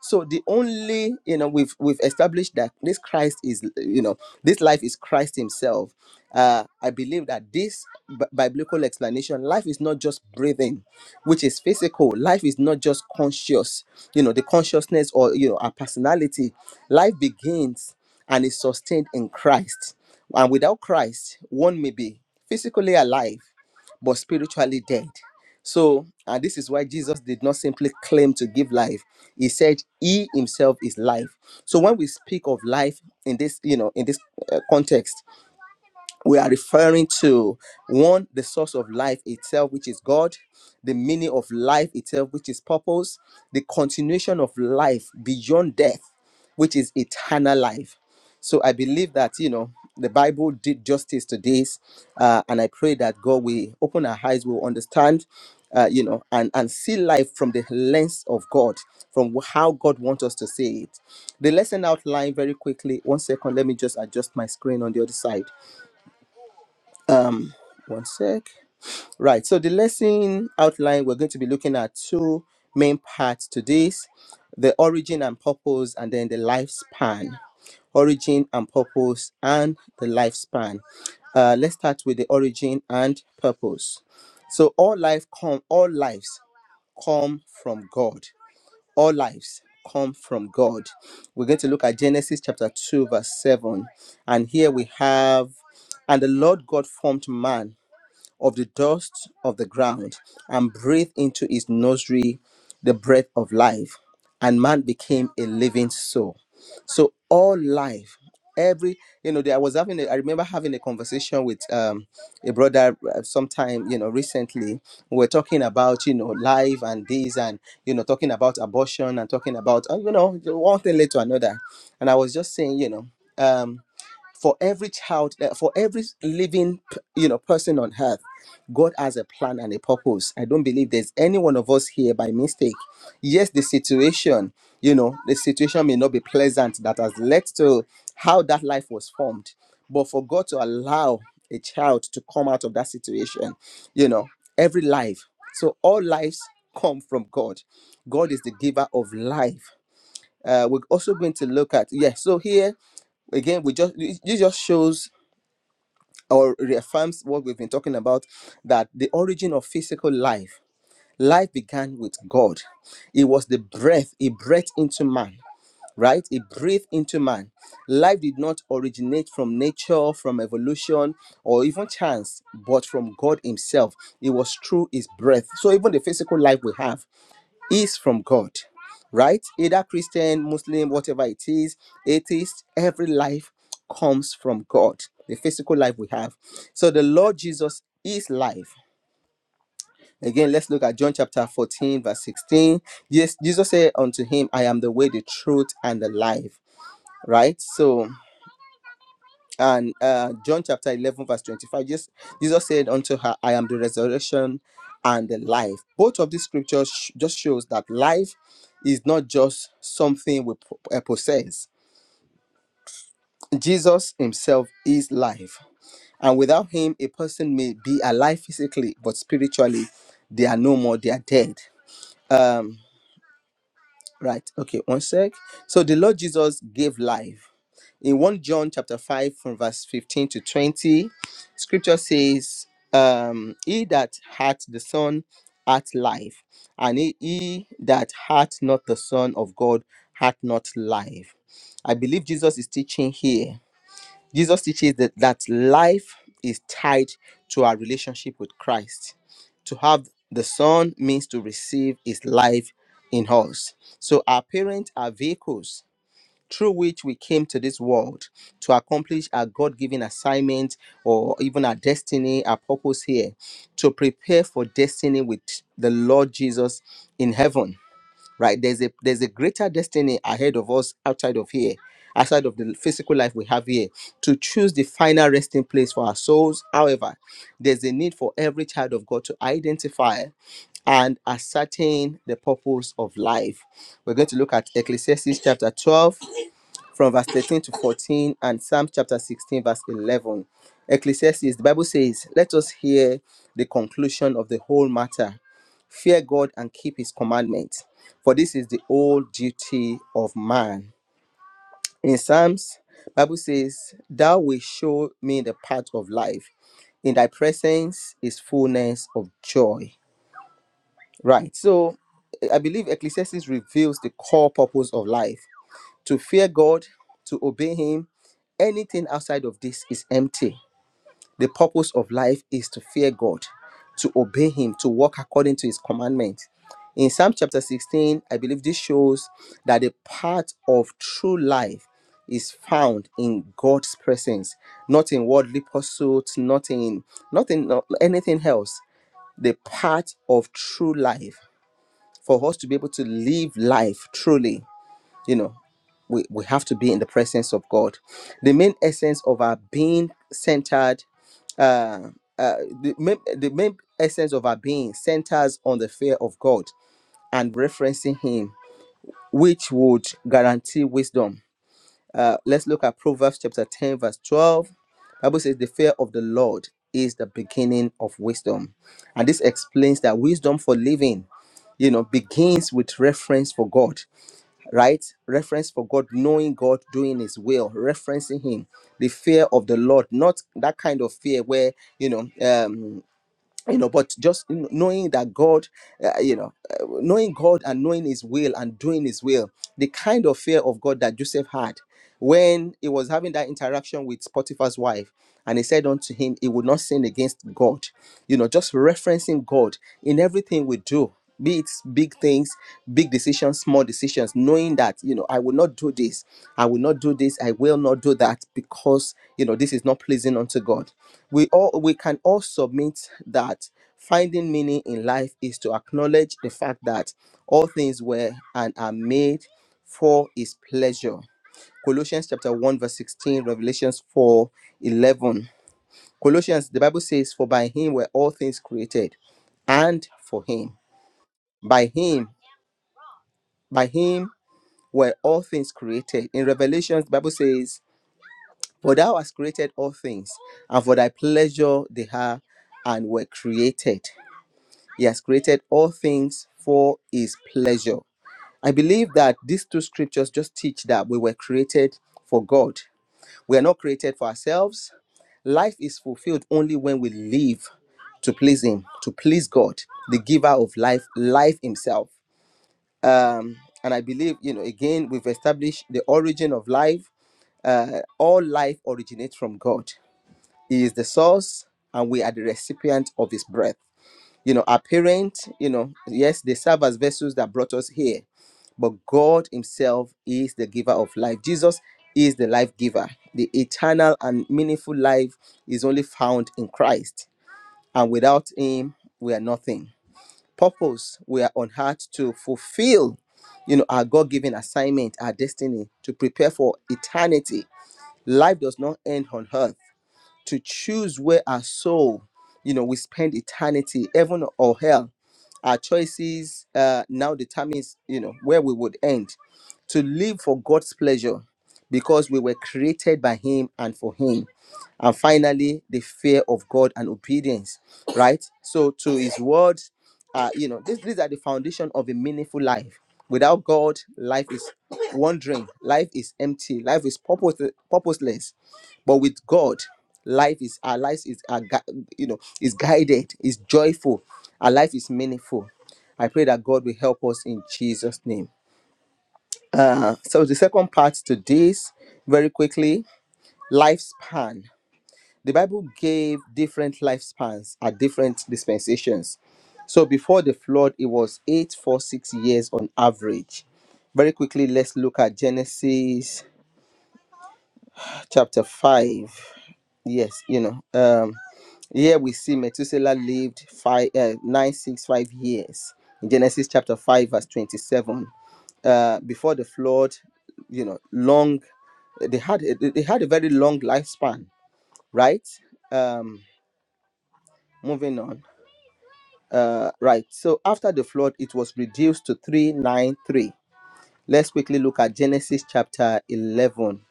So the only, you know, we've we've established that this Christ is, you know, this life is Christ Himself. Uh, I believe that this bi- biblical explanation, life is not just breathing, which is physical. Life is not just conscious, you know, the consciousness or you know our personality. Life begins and is sustained in Christ, and without Christ, one may be physically alive but spiritually dead. So, and this is why Jesus did not simply claim to give life. He said he himself is life. So when we speak of life in this, you know, in this uh, context, we are referring to one the source of life itself which is god the meaning of life itself which is purpose the continuation of life beyond death which is eternal life so i believe that you know the bible did justice to this uh, and i pray that god will open our eyes will understand uh, you know and and see life from the lens of god from wh- how god wants us to see it the lesson outline very quickly one second let me just adjust my screen on the other side um, one sec. Right. So the lesson outline we're going to be looking at two main parts to this: the origin and purpose, and then the lifespan. Origin and purpose, and the lifespan. Uh, let's start with the origin and purpose. So all life come, all lives come from God. All lives come from God. We're going to look at Genesis chapter two, verse seven, and here we have, and the Lord God formed man of the dust of the ground and breathed into his nostril the breath of life, and man became a living soul. So all life, every you know, there I was having. A, I remember having a conversation with um, a brother uh, sometime you know recently. We were talking about you know life and this and you know talking about abortion and talking about uh, you know one thing led to another, and I was just saying you know. Um, for every child uh, for every living you know person on earth god has a plan and a purpose i don't believe there's any one of us here by mistake yes the situation you know the situation may not be pleasant that has led to how that life was formed but for god to allow a child to come out of that situation you know every life so all lives come from god god is the giver of life uh, we're also going to look at yes so here again we just it just shows or reaffirms what we've been talking about that the origin of physical life life began with god it was the breath he breathed into man right he breathed into man life did not originate from nature from evolution or even chance but from god himself it was through his breath so even the physical life we have is from God, right? Either Christian, Muslim, whatever it is, atheist, every life comes from God, the physical life we have. So the Lord Jesus is life. Again, let's look at John chapter 14, verse 16. Yes, Jesus said unto him, I am the way, the truth, and the life, right? So and uh, John chapter 11, verse 25, just, Jesus said unto her, I am the resurrection and the life. Both of these scriptures sh- just shows that life is not just something we po- uh, possess. Jesus himself is life. And without him, a person may be alive physically, but spiritually, they are no more, they are dead. Um, right, okay, one sec. So the Lord Jesus gave life in 1 John chapter 5 from verse 15 to 20, scripture says, um, he that hath the son hath life, and he, he that hath not the son of God hath not life. I believe Jesus is teaching here. Jesus teaches that, that life is tied to our relationship with Christ. To have the son means to receive his life in us. So our parents are vehicles through which we came to this world to accomplish our God given assignment or even our destiny, our purpose here, to prepare for destiny with the Lord Jesus in heaven. Right? There's a there's a greater destiny ahead of us outside of here, outside of the physical life we have here, to choose the final resting place for our souls. However, there's a need for every child of God to identify and ascertain the purpose of life. We're going to look at Ecclesiastes chapter 12 from verse 13 to 14 and Psalm chapter 16, verse 11. Ecclesiastes, the Bible says, Let us hear the conclusion of the whole matter. Fear God and keep his commandments, for this is the whole duty of man. In Psalms, Bible says, Thou wilt show me the path of life. In thy presence is fullness of joy. Right. So I believe Ecclesiastes reveals the core purpose of life to fear God, to obey Him, anything outside of this is empty. The purpose of life is to fear God, to obey Him, to walk according to His commandments. In Psalm chapter 16, I believe this shows that the path of true life is found in God's presence, not in worldly pursuits, not in nothing, no- anything else. The path of true life for us to be able to live life truly you know we, we have to be in the presence of god the main essence of our being centered uh, uh, the, main, the main essence of our being centers on the fear of god and referencing him which would guarantee wisdom uh, let's look at proverbs chapter 10 verse 12 bible says the fear of the lord is the beginning of wisdom and this explains that wisdom for living you know begins with reference for god right? Reference for God, knowing God, doing His will, referencing Him, the fear of the Lord, not that kind of fear where you know, um, you know, but just kn- knowing that God, uh, you know, uh, knowing God and knowing His will and doing His will, the kind of fear of God that Joseph had when he was having that interaction with Potiphar's wife. And he said unto him, He would not sin against God. You know, just referencing God in everything we do be it big things big decisions small decisions knowing that you know i will not do this i will not do this i will not do that because you know this is not pleasing unto god we all we can all submit that finding meaning in life is to acknowledge the fact that all things were and are made for his pleasure colossians chapter 1 verse 16 revelations 4 11. colossians the bible says for by him were all things created and for him by him by him were all things created. In Revelation, the Bible says, For thou hast created all things, and for thy pleasure they are and were created. He has created all things for his pleasure. I believe that these two scriptures just teach that we were created for God. We are not created for ourselves. Life is fulfilled only when we live to please Him, to please God, the giver of life, life Himself um, and i believe you know again we've established the origin of life uh, all life originates from god he is the source and we are the recipient of his breath you know our parents you know yes they serve as vessels that brought us here but god himself is the giver of life jesus is the life giver the eternal and meaningful life is only found in christ and without him we are nothing purpose we are on earth to fulfill you know our god-given assignment our destiny to prepare for eternity life does not end on earth to choose where our soul, you know, we spend eternity, heaven or hell. Our choices uh, now determines, you know, where we would end. To live for God's pleasure because we were created by Him and for Him. And finally, the fear of God and obedience, right? So to His word, uh, you know, this, these are the foundation of a meaningful life. Without God, life is wandering, life is empty, life is purpose, purposeless but with god life is our life is our gui- you know is guided is joyful our life is meaningful i pray that god will help us in jesus name uh so the second part to this very quickly lifespan the bible gave different lifespans at different dispensations so before the flood it was 846 years on average very quickly let's look at genesis chapter 5 yes you know um Here we see Methuselah lived five, uh, 965 years in Genesis chapter 5, verse 27. Uh, before the flood, you know, long, they had, they had a very long lifespan, right? Um, moving on. Uh, right. So after the flood, it was reduced to 393. Let's quickly look at Genesis chapter 11.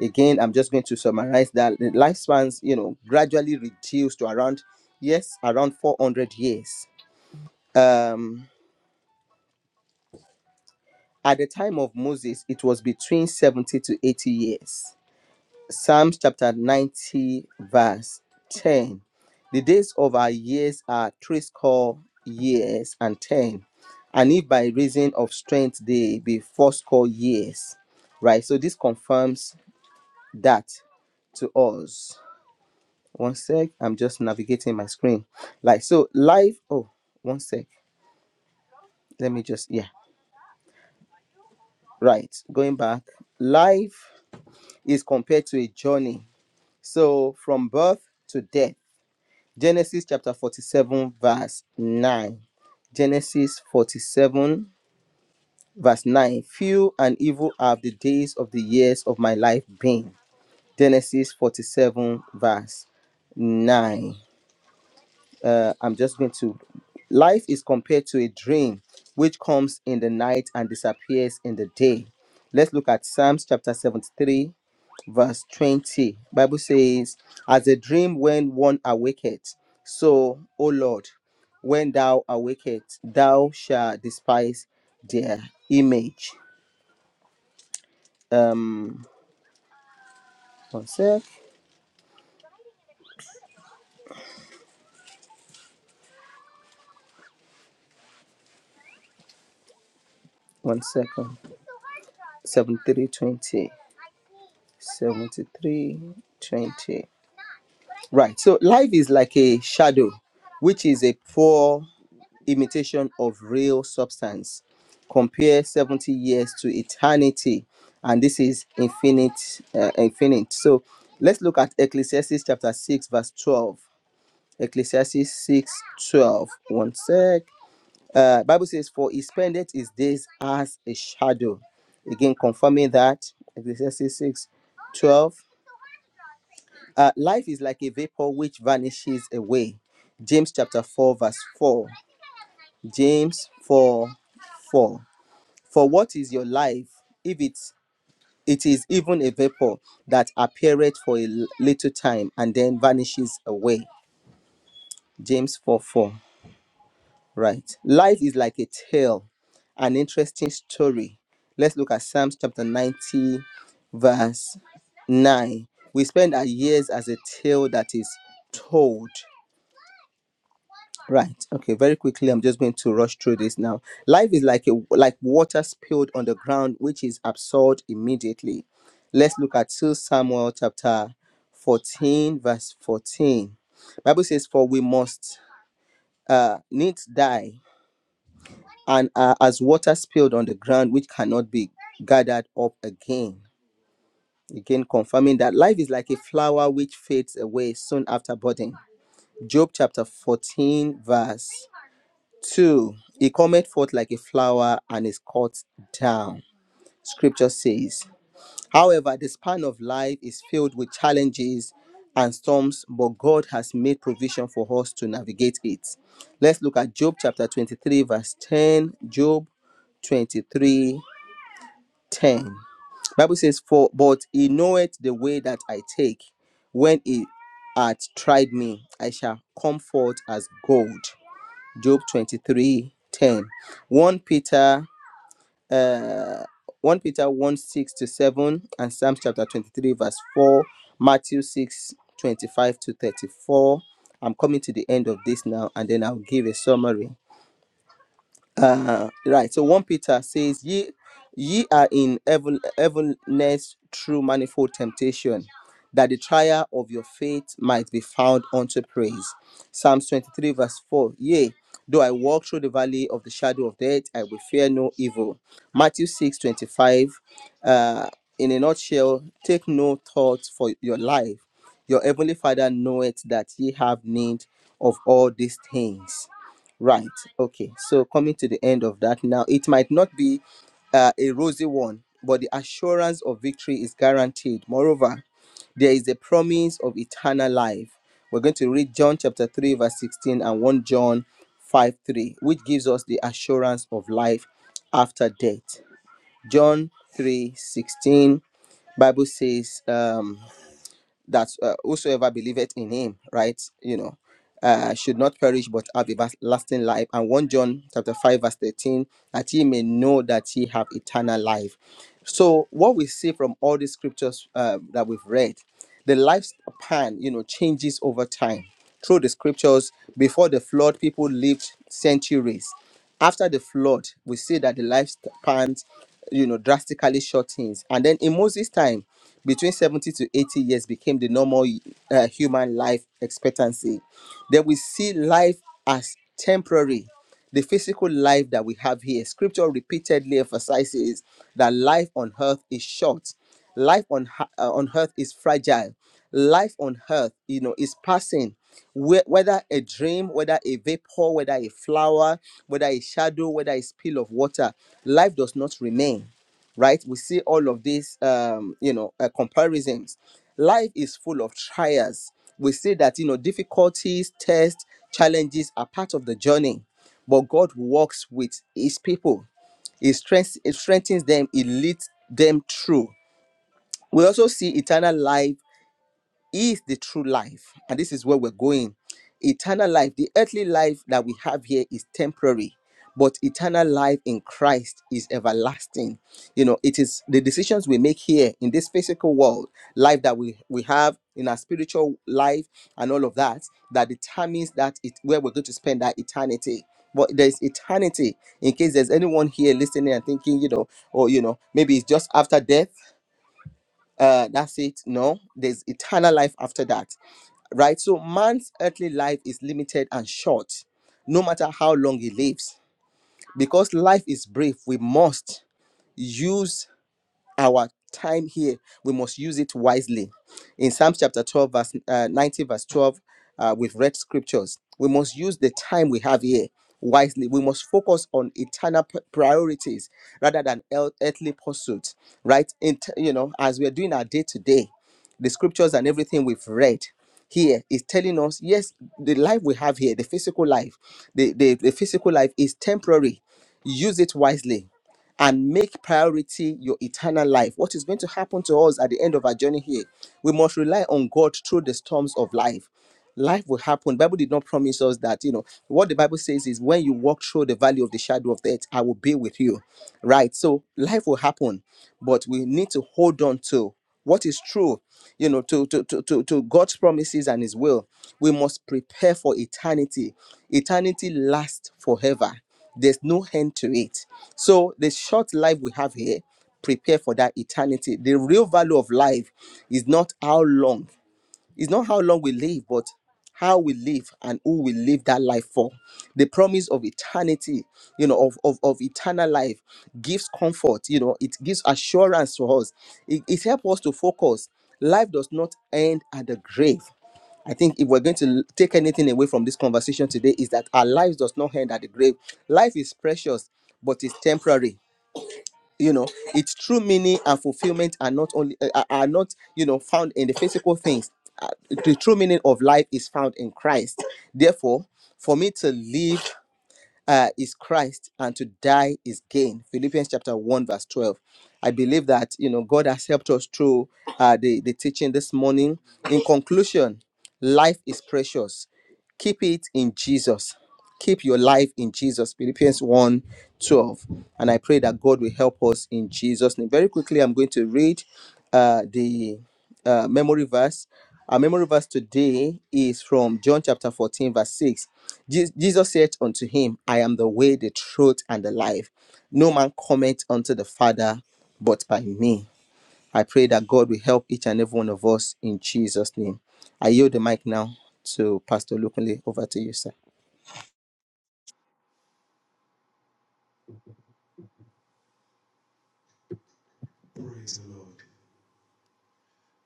Again, I'm just going to summarize that the lifespans, you know, gradually reduced to around, yes, around 400 years Um, at the time of Moses, it was between 70 to 80 years. Psalms chapter 90, verse 10. The days of our years are threescore years and ten, and if by reason of strength they be fourscore years. Right, so this confirms that to us. One sec, I'm just navigating my screen. Like, so life, oh, one sec, let me just, yeah, right, going back, life is compared to a journey. So from birth to death. Genesis chapter 47, verse 9. Genesis 47, verse 9. Few and evil have the days of the years of my life been. Genesis 47, verse 9. Uh, I'm just going to. Life is compared to a dream which comes in the night and disappears in the day. Let's look at Psalms chapter 73, verse 20 bible says as a dream when one awaketh so o lord when thou awaketh thou shalt despise their image um one sec one second 7320 7320 right so life is like a shadow which is a poor imitation of real substance. Compare 70 years to eternity, and this is infinite. Uh, infinite. So let's look at Ecclesiastes chapter 6, verse 12. Ecclesiastes 6 12. One sec. Uh, Bible says, For he spendeth his days as a shadow. Again, confirming that. Ecclesiastes 6 12. Uh, life is like a vapor which vanishes away. James chapter 4, verse 4. James 4 4. For what is your life if it's it is even a vapor that appeareth for a l- little time and then vanishes away? James 4 4. Right. Life is like a tale, an interesting story. Let's look at Psalms chapter 90, verse 9. We spend our years as a tale that is told. Right. Okay. Very quickly, I'm just going to rush through this now. Life is like a like water spilled on the ground, which is absorbed immediately. Let's look at 2 Samuel chapter 14, verse 14. Bible says, "For we must uh, needs die, and are as water spilled on the ground, which cannot be gathered up again." Again, confirming that life is like a flower which fades away soon after budding. Job chapter 14, verse Two, he cometh forth like a flower and is cut down. Scripture says, however, the span of life is filled with challenges and storms, but God has made provision for us to navigate it. Let's look at Job chapter 23, verse 10. Job 23, 10. Bible says, For but he knoweth the way that I take. When he hath tried me, I shall come forth as gold. Job 23 Peter 1 Peter 1 6 to 7, and Psalms chapter 23, verse 4, Matthew 6 25 to 34. I'm coming to the end of this now, and then I'll give a summary. Uh, right. So 1 Peter says, Ye, ye are in evil, evilness through manifold temptation, that the trial of your faith might be found unto praise. Psalms 23, verse 4. Yea, though I walk through the valley of the shadow of death, I will fear no evil. Matthew 6 25. Uh, in a nutshell, take no thought for your life. Your heavenly Father knoweth that ye have need of all these things. Right. Okay. So coming to the end of that now, it might not be uh, a rosy one, but the assurance of victory is guaranteed. Moreover, there is a promise of eternal life. We're going to read John chapter 3, verse 16 and 1 John 5 3, which gives us the assurance of life after death. John 3 16, Bible says, um, that uh, whosoever believeth in him, right, you know, uh, should not perish but have everlasting life. And 1 John chapter 5, verse 13, that ye may know that ye have eternal life. So, what we see from all these scriptures uh, that we've read the lifespan you know changes over time through the scriptures before the flood people lived centuries after the flood we see that the lifespans you know drastically shortens and then in moses time between 70 to 80 years became the normal uh, human life expectancy then we see life as temporary the physical life that we have here scripture repeatedly emphasizes that life on earth is short life on ha- uh, on earth is fragile life on earth you know is passing Whe- whether a dream whether a vapor whether a flower whether a shadow whether a spill of water life does not remain right we see all of these um you know uh, comparisons life is full of trials we see that you know difficulties tests challenges are part of the journey but god works with his people it strengthens, it strengthens them it leads them through we also see eternal life is the true life. And this is where we're going. Eternal life, the earthly life that we have here is temporary, but eternal life in Christ is everlasting. You know, it is the decisions we make here in this physical world, life that we, we have in our spiritual life and all of that, that determines that it where we're going to spend our eternity. But there's eternity in case there's anyone here listening and thinking, you know, or you know, maybe it's just after death uh that's it no there's eternal life after that right so man's earthly life is limited and short no matter how long he lives because life is brief we must use our time here we must use it wisely in psalms chapter 12 verse uh, 90 verse 12 uh, we've read scriptures we must use the time we have here wisely we must focus on eternal p- priorities rather than earth- earthly pursuits right in t- you know as we're doing our day to day the scriptures and everything we've read here is telling us yes the life we have here the physical life the, the, the physical life is temporary use it wisely and make priority your eternal life. What is going to happen to us at the end of our journey here? We must rely on God through the storms of life. Life will happen. Bible did not promise us that, you know. What the Bible says is when you walk through the valley of the shadow of death, I will be with you. Right? So life will happen, but we need to hold on to what is true you know to to, to to to god's promises and his will we must prepare for eternity eternity lasts forever there's no end to it so the short life we have here prepare for that eternity the real value of life is not how long it's not how long we live, but how we live and who we live that life for. The promise of eternity, you know, of, of, of eternal life gives comfort, you know, it gives assurance to us. It, it helps us to focus. Life does not end at the grave. I think if we're going to l- take anything away from this conversation today, is that our lives does not end at the grave. Life is precious, but it's temporary you know its true meaning and fulfillment are not only uh, are are not you know found in the physical things Uh, the true meaning of life is found in christ therefore for me to live uh, is christ and to die is gain philippians chapter 1 verse 12 i believe that you know god has helped us through uh, the, the teaching this morning in conclusion life is precious keep it in Jesus. Keep your life in Jesus. Philippians 1 twelve. And I pray that God will help us in Jesus' name. Very quickly, I'm going to read uh, the uh, memory verse. Our memory verse today is from John chapter 14, verse 6. Je- Jesus said unto him, I am the way, the truth, and the life. No man cometh unto the Father but by me. I pray that God will help each and every one of us in Jesus' name. I yield the mic now to Pastor Lukunle. Over to you, sir.
Praise the Lord.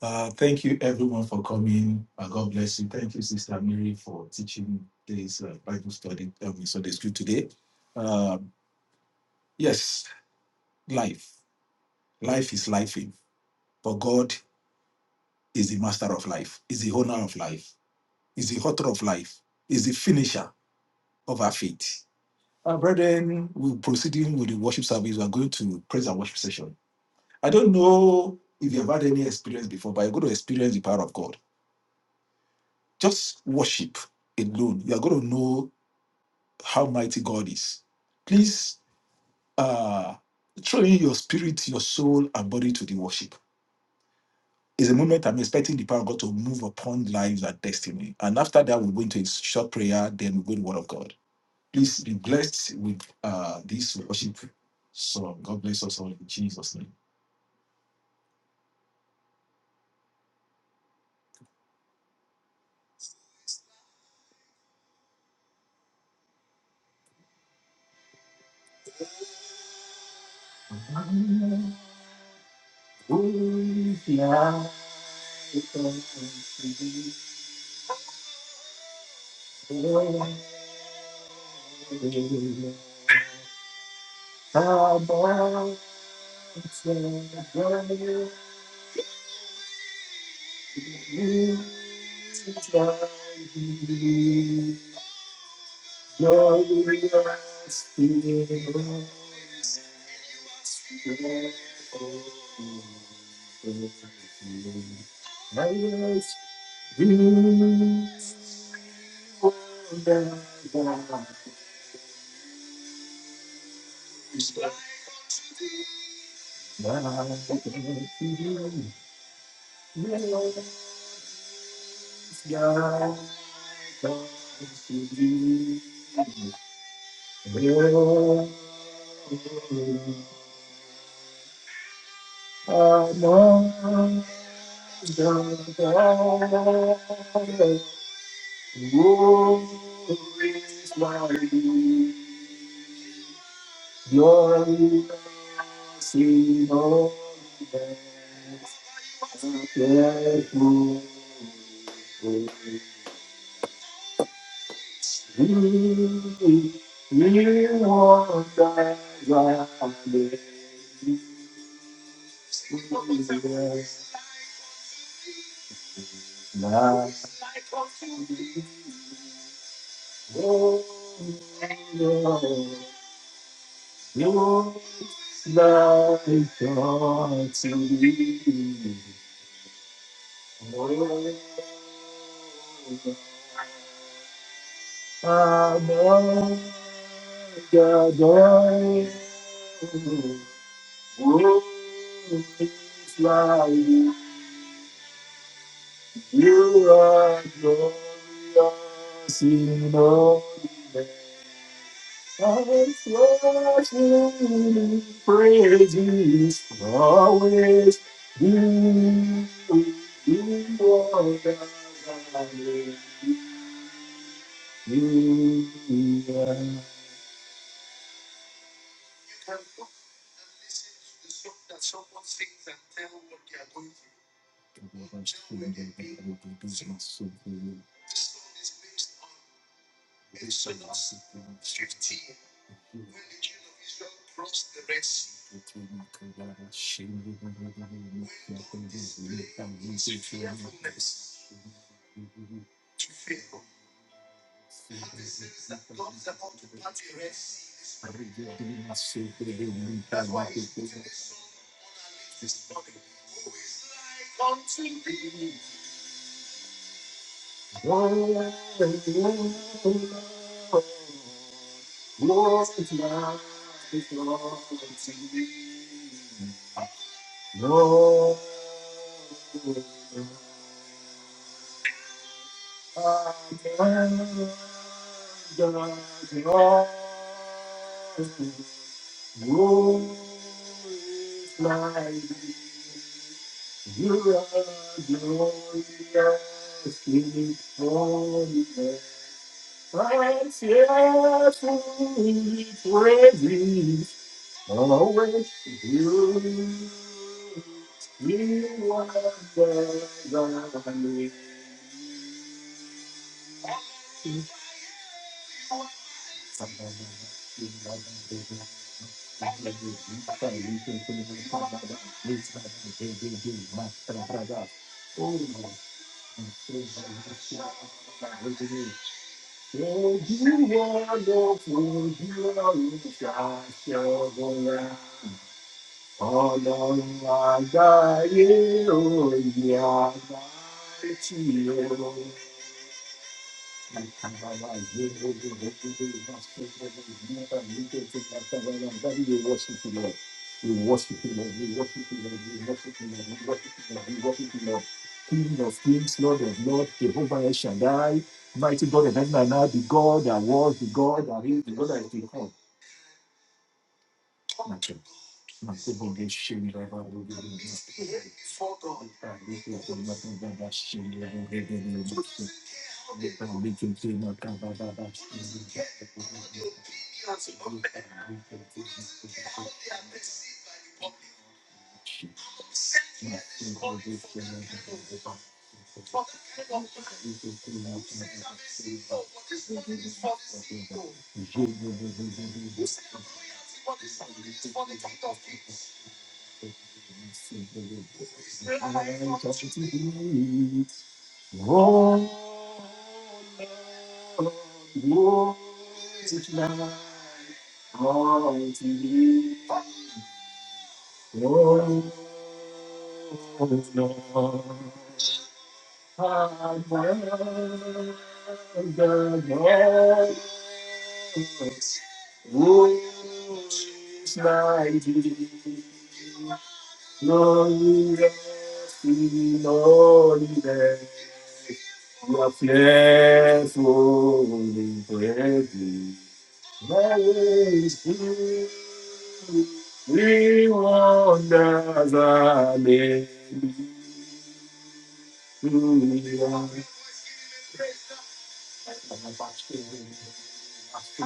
Uh, thank you, everyone, for coming. Uh, God bless you. Thank you, Sister Mary, for teaching this uh, Bible study, um, Sunday school today. Um yes, life. Life is life, but God is the master of life, is the owner of life, is the author of life, is the finisher of our faith. Our brethren, we're proceeding with the worship service. We're going to praise and worship session. I don't know if you've had any experience before, but you're going to experience the power of God. Just worship alone. You're going to know how mighty God is. Please uh, throw in your spirit, your soul, and body to the worship It's a moment I'm expecting the power of God to move upon lives and destiny. And after that, we'll go into a short prayer, then we'll go to the Word of God. Please be blessed with uh, this worship song. God bless us all in Jesus' name. Oh, yeah, it's a- How about the girl you love me? Glorious in the Among the Woe is mine. Your mercy, Lord, that's a faithful word. You you are the righteous. My Lord, Your life unto me. Amen. Adonai. World is like You are glorious in all. the Always worshiping, praises, always you, you are the one. You are the Longing for your love, your love is longing for me. Oh, I'm longing for. You is my me. You are glorious in holiness. Righteous we praise you. Always you. You are the one. Ọlọ́run àgbáyé òye àgbáyé tí o. We worship you, Lord. We worship you, Lord. We worship you, Lord. We worship you, Lord. We worship you, Lord. We worship you, Lord. King of kings, Lord of lords, Jehovah El Shaddai, mighty God of heaven and earth, the God that was, the God that is, the God that is to come. Nacho, nacho, bonge, shemi, raba, bonge, bonge. Ah, this is the matter of shemi, raba, bonge, bonge, bonge. Ah, we can see my Baba, Baba, shemi, raba, bonge, bonge. Oh, We wonder the name. I'm a bachelor. Worship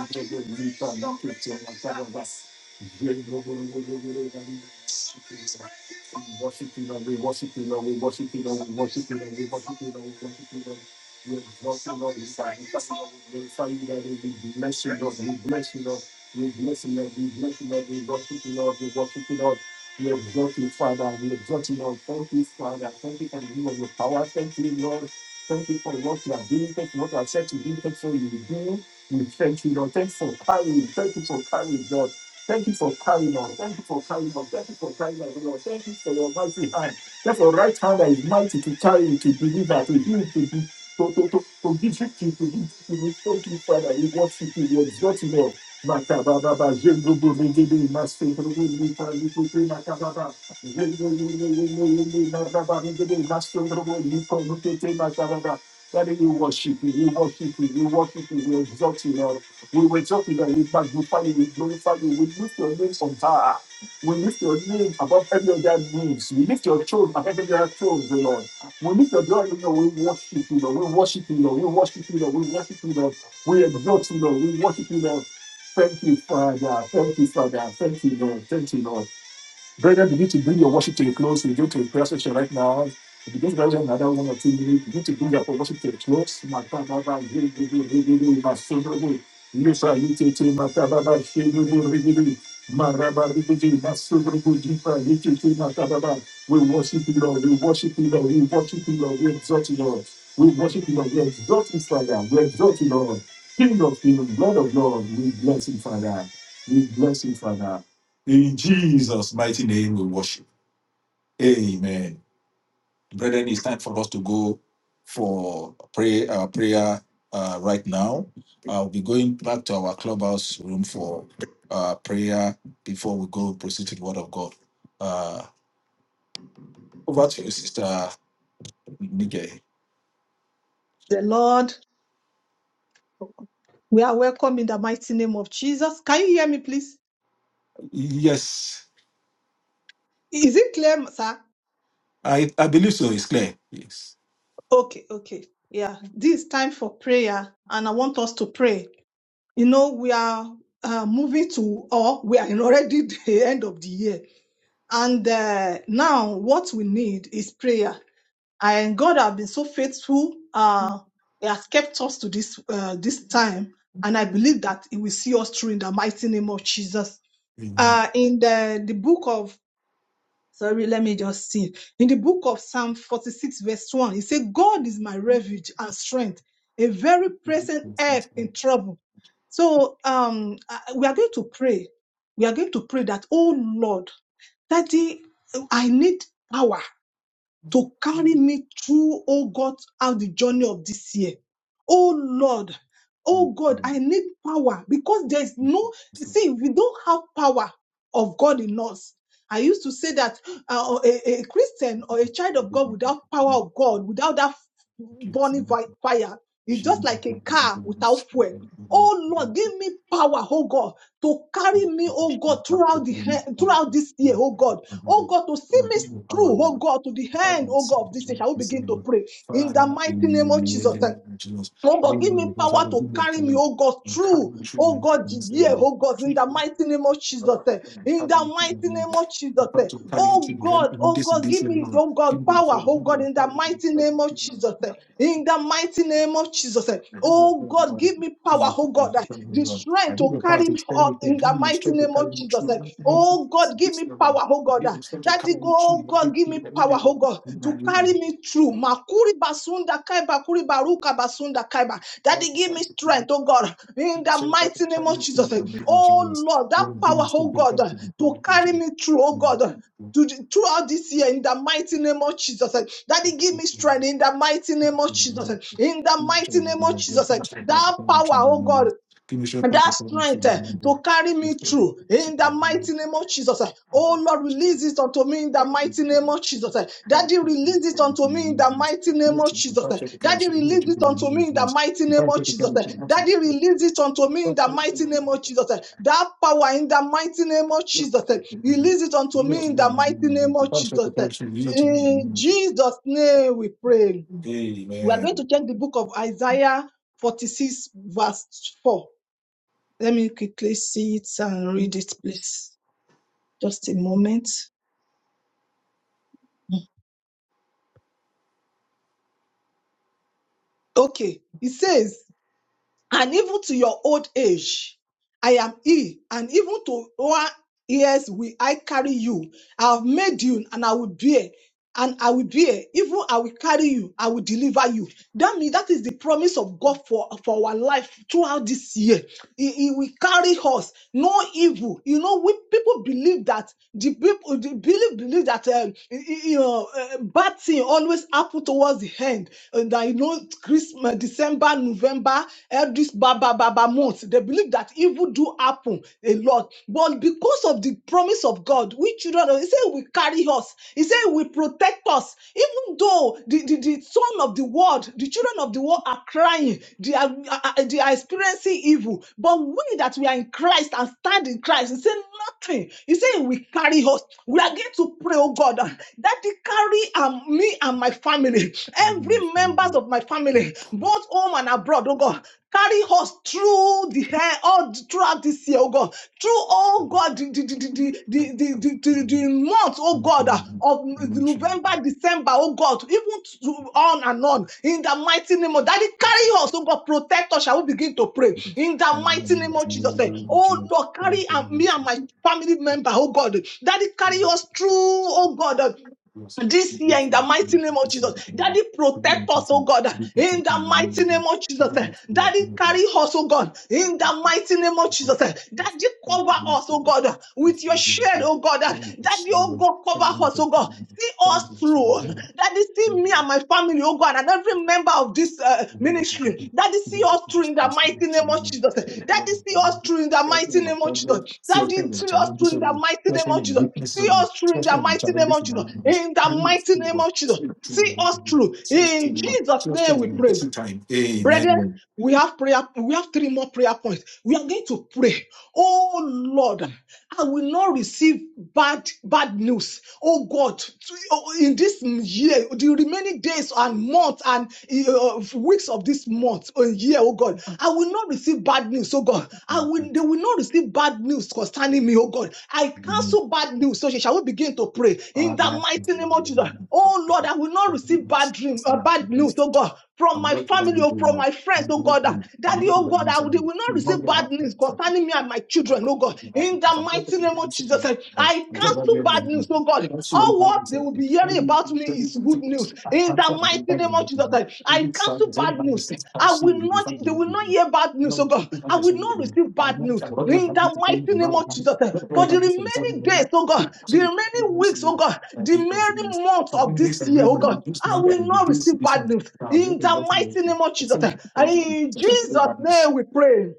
you, Lord. We worship Lord. We worship Lord. We worship Lord. We worship Lord. We worship Lord. We exalt Lord. We magnify Lord. We glorify Lord. We bless Lord. We bless Lord. We bless Lord. We bless Lord. We worship Lord. We worship Lord. We exalt you, Father. We exalt you, Lord. Thank you, Father. Thank you for the gift of your power. Thank you, Lord. Thank you for what you are doing. Thank you for what you are said to do. Thank you for you do. We thank you, Lord. Thank you for carrying. Thank you for carrying, Lord. Thank you for carrying us. Thank you for carrying us. Thank you for carrying us, Lord. Thank you for your mighty hand. Thank your right hand that is mighty to carry, to deliver, to heal, to do, to, to, to, to give you to to give to victory. Thank you, Father. We worship you. We exalt you, Lord. Makababa, Jendrubu, Rigidi, Master, Rubu, Lita, Likutu, Makababa, Jendrubu, Rigidi, Maraba, Rigidi, Master, Rubu, Lita, Likutu, Makababa, Daddy, we worship you, we worship you, we worship you, we exalt you, Lord. We exalt you, Lord. We magnify you, we glorify you, we lift your name on high. We lift your name above every other names. We lift your throne above every other throne, O Lord. We lift your glory, Lord. We worship you, Lord. We worship you, Lord. We worship you, Lord. We worship you, Lord. We exalt you, Lord. We worship you, Lord. Thank you, Father. Thank you, Father. Thank you, Lord. Thank you, Lord. Brethren, begin to bring your worship to a close. We go to a prayer session right now. Begin to raise another one or two minutes. Begin to bring your worship to a close. My Baba, my Lord, my Savior, you say you take me, my Baba, my Savior, my Rabba, my Savior. We will bless. In Jesus' mighty name we worship. Amen. Brethren, it's time for us to go for pray, uh, prayer uh, right now. I'll be going back to our clubhouse room for uh, prayer before we go proceed to the Word of God. Uh, over to you, Sister Nige.
the Lord. We are welcome in the mighty name of Jesus. Can you hear me, please?
Yes,
Is it clear, sir?
I, I believe so. It's clear. Yes.
Okay, okay. Yeah, this is time for prayer, and I want us to pray. You know, we are uh, moving to, or we are in already the end of the year. And uh, now what we need is prayer. And God has been so faithful. Uh, he has kept us to this uh, this time. And I believe that He will see us through in the mighty name of Jesus uh, in the, the book of Sorry, let me just see. In the book of Psalm 46, verse 1, it says, God is my refuge and strength, a very present help in trouble. So um, I- we are going to pray. We are going to pray that, oh Lord, Daddy, I need power to carry me through, oh God, out the journey of this year. Oh Lord, oh God, I need power because there's no, see, we don't have power of God in us. I used to say that uh, a, a Christian or a child of God without power of God, without that burning vi- fire, is just like a car without fuel. Oh Lord, give me power, oh God, to carry me,
Father,
oh
in
God, throughout
the
the he- throughout this year, oh God. Oh God, to see me through, oh God, to the end, oh God, of this year. Shall we begin to pray in the mighty name of
name
Jesus?
of Jesus,
Oh
may
God, give
my
me
because I
power
will
to
you a
carry me,
prayer.
oh God,
And carry
through.
me through the
Oh God,
wilderness
yeah,
and
oh God, in the
treat me,
mighty name of Jesus.
Lord,
eh.
and
In
carry
the
me through
mighty
the
name
wilderness.
of Jesus.
Because
eh. Oh
even-
God,
even
oh
this and
God,
this
give
and
me,
that,
oh God, power, oh God, in the mighty name of Jesus. eh. In the mighty name of Jesus. eh. Oh God,
Lord,
give me power, oh God, eh, the strength to carry forth in the mighty name of Jesus. eh. Oh God, give me power, oh God. ah. Daddy, go, oh God, give me power, oh God, to carry me through. Makuri basunda kaiba, kuri baruka basunda kaiba. Daddy, give me strength, oh God, in the mighty name of Jesus. eh. Oh Lord, that power, oh God, ah, to carry me through, oh God. ah, to the- throughout this year in the mighty name of Jesus. eh. Daddy, give me strength in the mighty name of Jesus. eh. In the mighty name of Jesus. eh. That power, oh God that strength eh, to carry me through in the mighty name of Jesus. eh. Oh Lord, release it unto me in the mighty name of Jesus. eh. Daddy, release it unto me in the mighty name of Jesus. eh. Daddy, release it unto me in the mighty name of Jesus. eh. Daddy, release it unto me in the mighty name of Jesus. eh. That power in the mighty name of Jesus. eh.
it is a-
Release it unto
I'm not
me
to
in
go
the
in the
mighty
name of
name
Jesus.
of
Because of
Jesus.
the
eh.
person, you know, to be in the
In
name of
Jesus' name we pray. We are
Jesus.
going
Amen.
to check the book of Isaiah 46, verse 4. Let me quickly see it and read it, please. Just a moment. Okay, it says, and even to your old age, I am he, and even to one years will I carry you. I have made you, and I will bear, and I will bear. Even I will carry you, I will deliver you. That means that is the promise of God for, for our life throughout this year. He, he will carry us, no evil. You know, we people believe that The people the believe believe that um, y- y- you know uh, bad thing always happen towards the end, and that you know Christmas, December, November, all this baba baba months. They believe that evil do happen a lot, but because of the promise of God, we children, of- He said, "He "Will carry us." He said, "He "Will protect us." Even though the the, the son of the world, the children of the world are crying. They are, uh, uh, they are experiencing evil. But we that we are in Christ and stand in Christ, he said nothing. He said we carry us. We are going to pray, oh God, that He carry um, me and my family, every members of my family, both home and abroad, oh God. Carry us through the hair all throughout this year, oh God. Through, oh God, the, the, the, the, the, the, the, the month, oh God, ah, of November, December, oh God, even to, on and on. In the mighty name of Daddy, carry us, oh God, protect us. I will begin to pray. In the mighty name of Jesus, eh, oh Lord, carry and me and my family member, oh God. Daddy, carry us through, oh God. uh, this year in the mighty name of Jesus. Daddy, protect us, oh God, in the mighty name of Jesus. Daddy, carry us, oh God, in the mighty name of Jesus. Daddy, cover us, oh God, with your shade, oh God. Daddy, oh God, cover us, oh God. See us through. Daddy, see me and my my family, oh God, and every member of this uh,
Amen.
ministry. Daddy, see us through in the mighty name of Jesus. Daddy, see us through in the mighty name of Jesus. Daddy, see us through in the mighty name of Jesus. See us through in the mighty name of Jesus. In the mighty name of Jesus. See us through. In Jesus' name we pray. Brethren, we have prayer, we have three more prayer points. We are going to pray. Oh Lord, I will not receive bad, bad news. Oh God, to- oh, in this year, the remaining days and months and uh, weeks of this month or year, oh God, I will not receive bad news, oh God. I will, they will not receive bad news concerning me, oh God. I cancel bad news. So she shall we begin to pray in the mighty name of Jesus. Oh Lord, I will not receive bad dream, uh, bad news, oh God, from my family or from my friends, oh God. Uh, Daddy, oh God, I will, they will not
I'm
receive bad news
not
concerning me and my children, oh God. In the mighty name of Jesus, I cancel bad news, oh God. All what they will be hearing about me is good news. In in the mighty name of Jesus Christ, I cancel bad news. I will not, they will not hear bad news, oh God. I will not receive bad news. In the mighty name of Jesus Christ, for the remaining days, oh God, the remaining weeks, oh God, the remaining months of this year, oh God, I will not receive bad news. In the mighty name of Jesus Christ, and in Jesus' name we
Amen.
pray.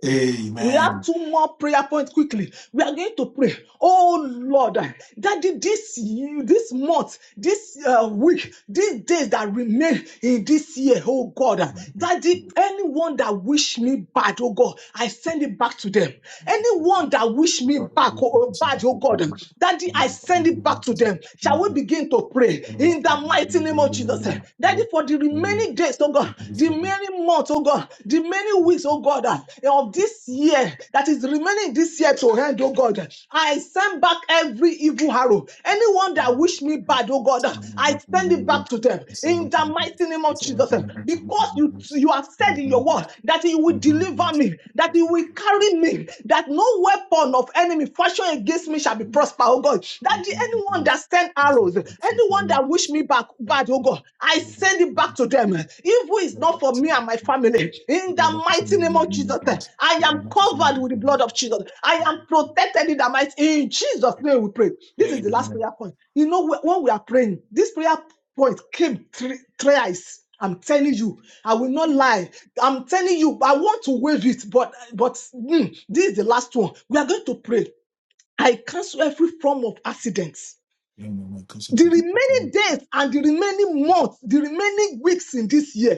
We have two more prayer points quickly. We are going to pray. Oh Lord, Daddy, this year, this month, this uh, week, these days that remain in this year, oh God, Daddy, anyone that wish me bad, oh God, I send it back to them. Anyone that wish me back, oh, oh, bad, oh God, Daddy, I send it back to them. Shall we begin to pray in the mighty name of Jesus, eh? Daddy, for the remaining days, oh God. God, the many months, oh God, the many weeks, oh God, uh, of this year that is remaining this year to end, oh God, I send back every evil arrow. Anyone
Hey,
that wish me bad, oh
young.
God, uh, I send it back to them in the mighty name of Jesus. uh, Because you you have said in your word that you will deliver me, that you will carry me, that no weapon of enemy fashioned against me shall be prosper, oh God. That the anyone that send arrows, Anyone that wish me back bad, oh God, I send it back to them. Evil is not for me and my family. In the mighty name of Jesus, eh, I am covered with the blood of Jesus. I am protected in the mighty. In Jesus' name, we pray. This is the last prayer point. You know when we are praying, this prayer point came three thrice. I'm telling you, I will not lie. I'm telling you, I want to waive it, but but mm, this is the last one. We are going to pray. I cancel every form of accident the remaining days and the remaining months, the remaining weeks in this year,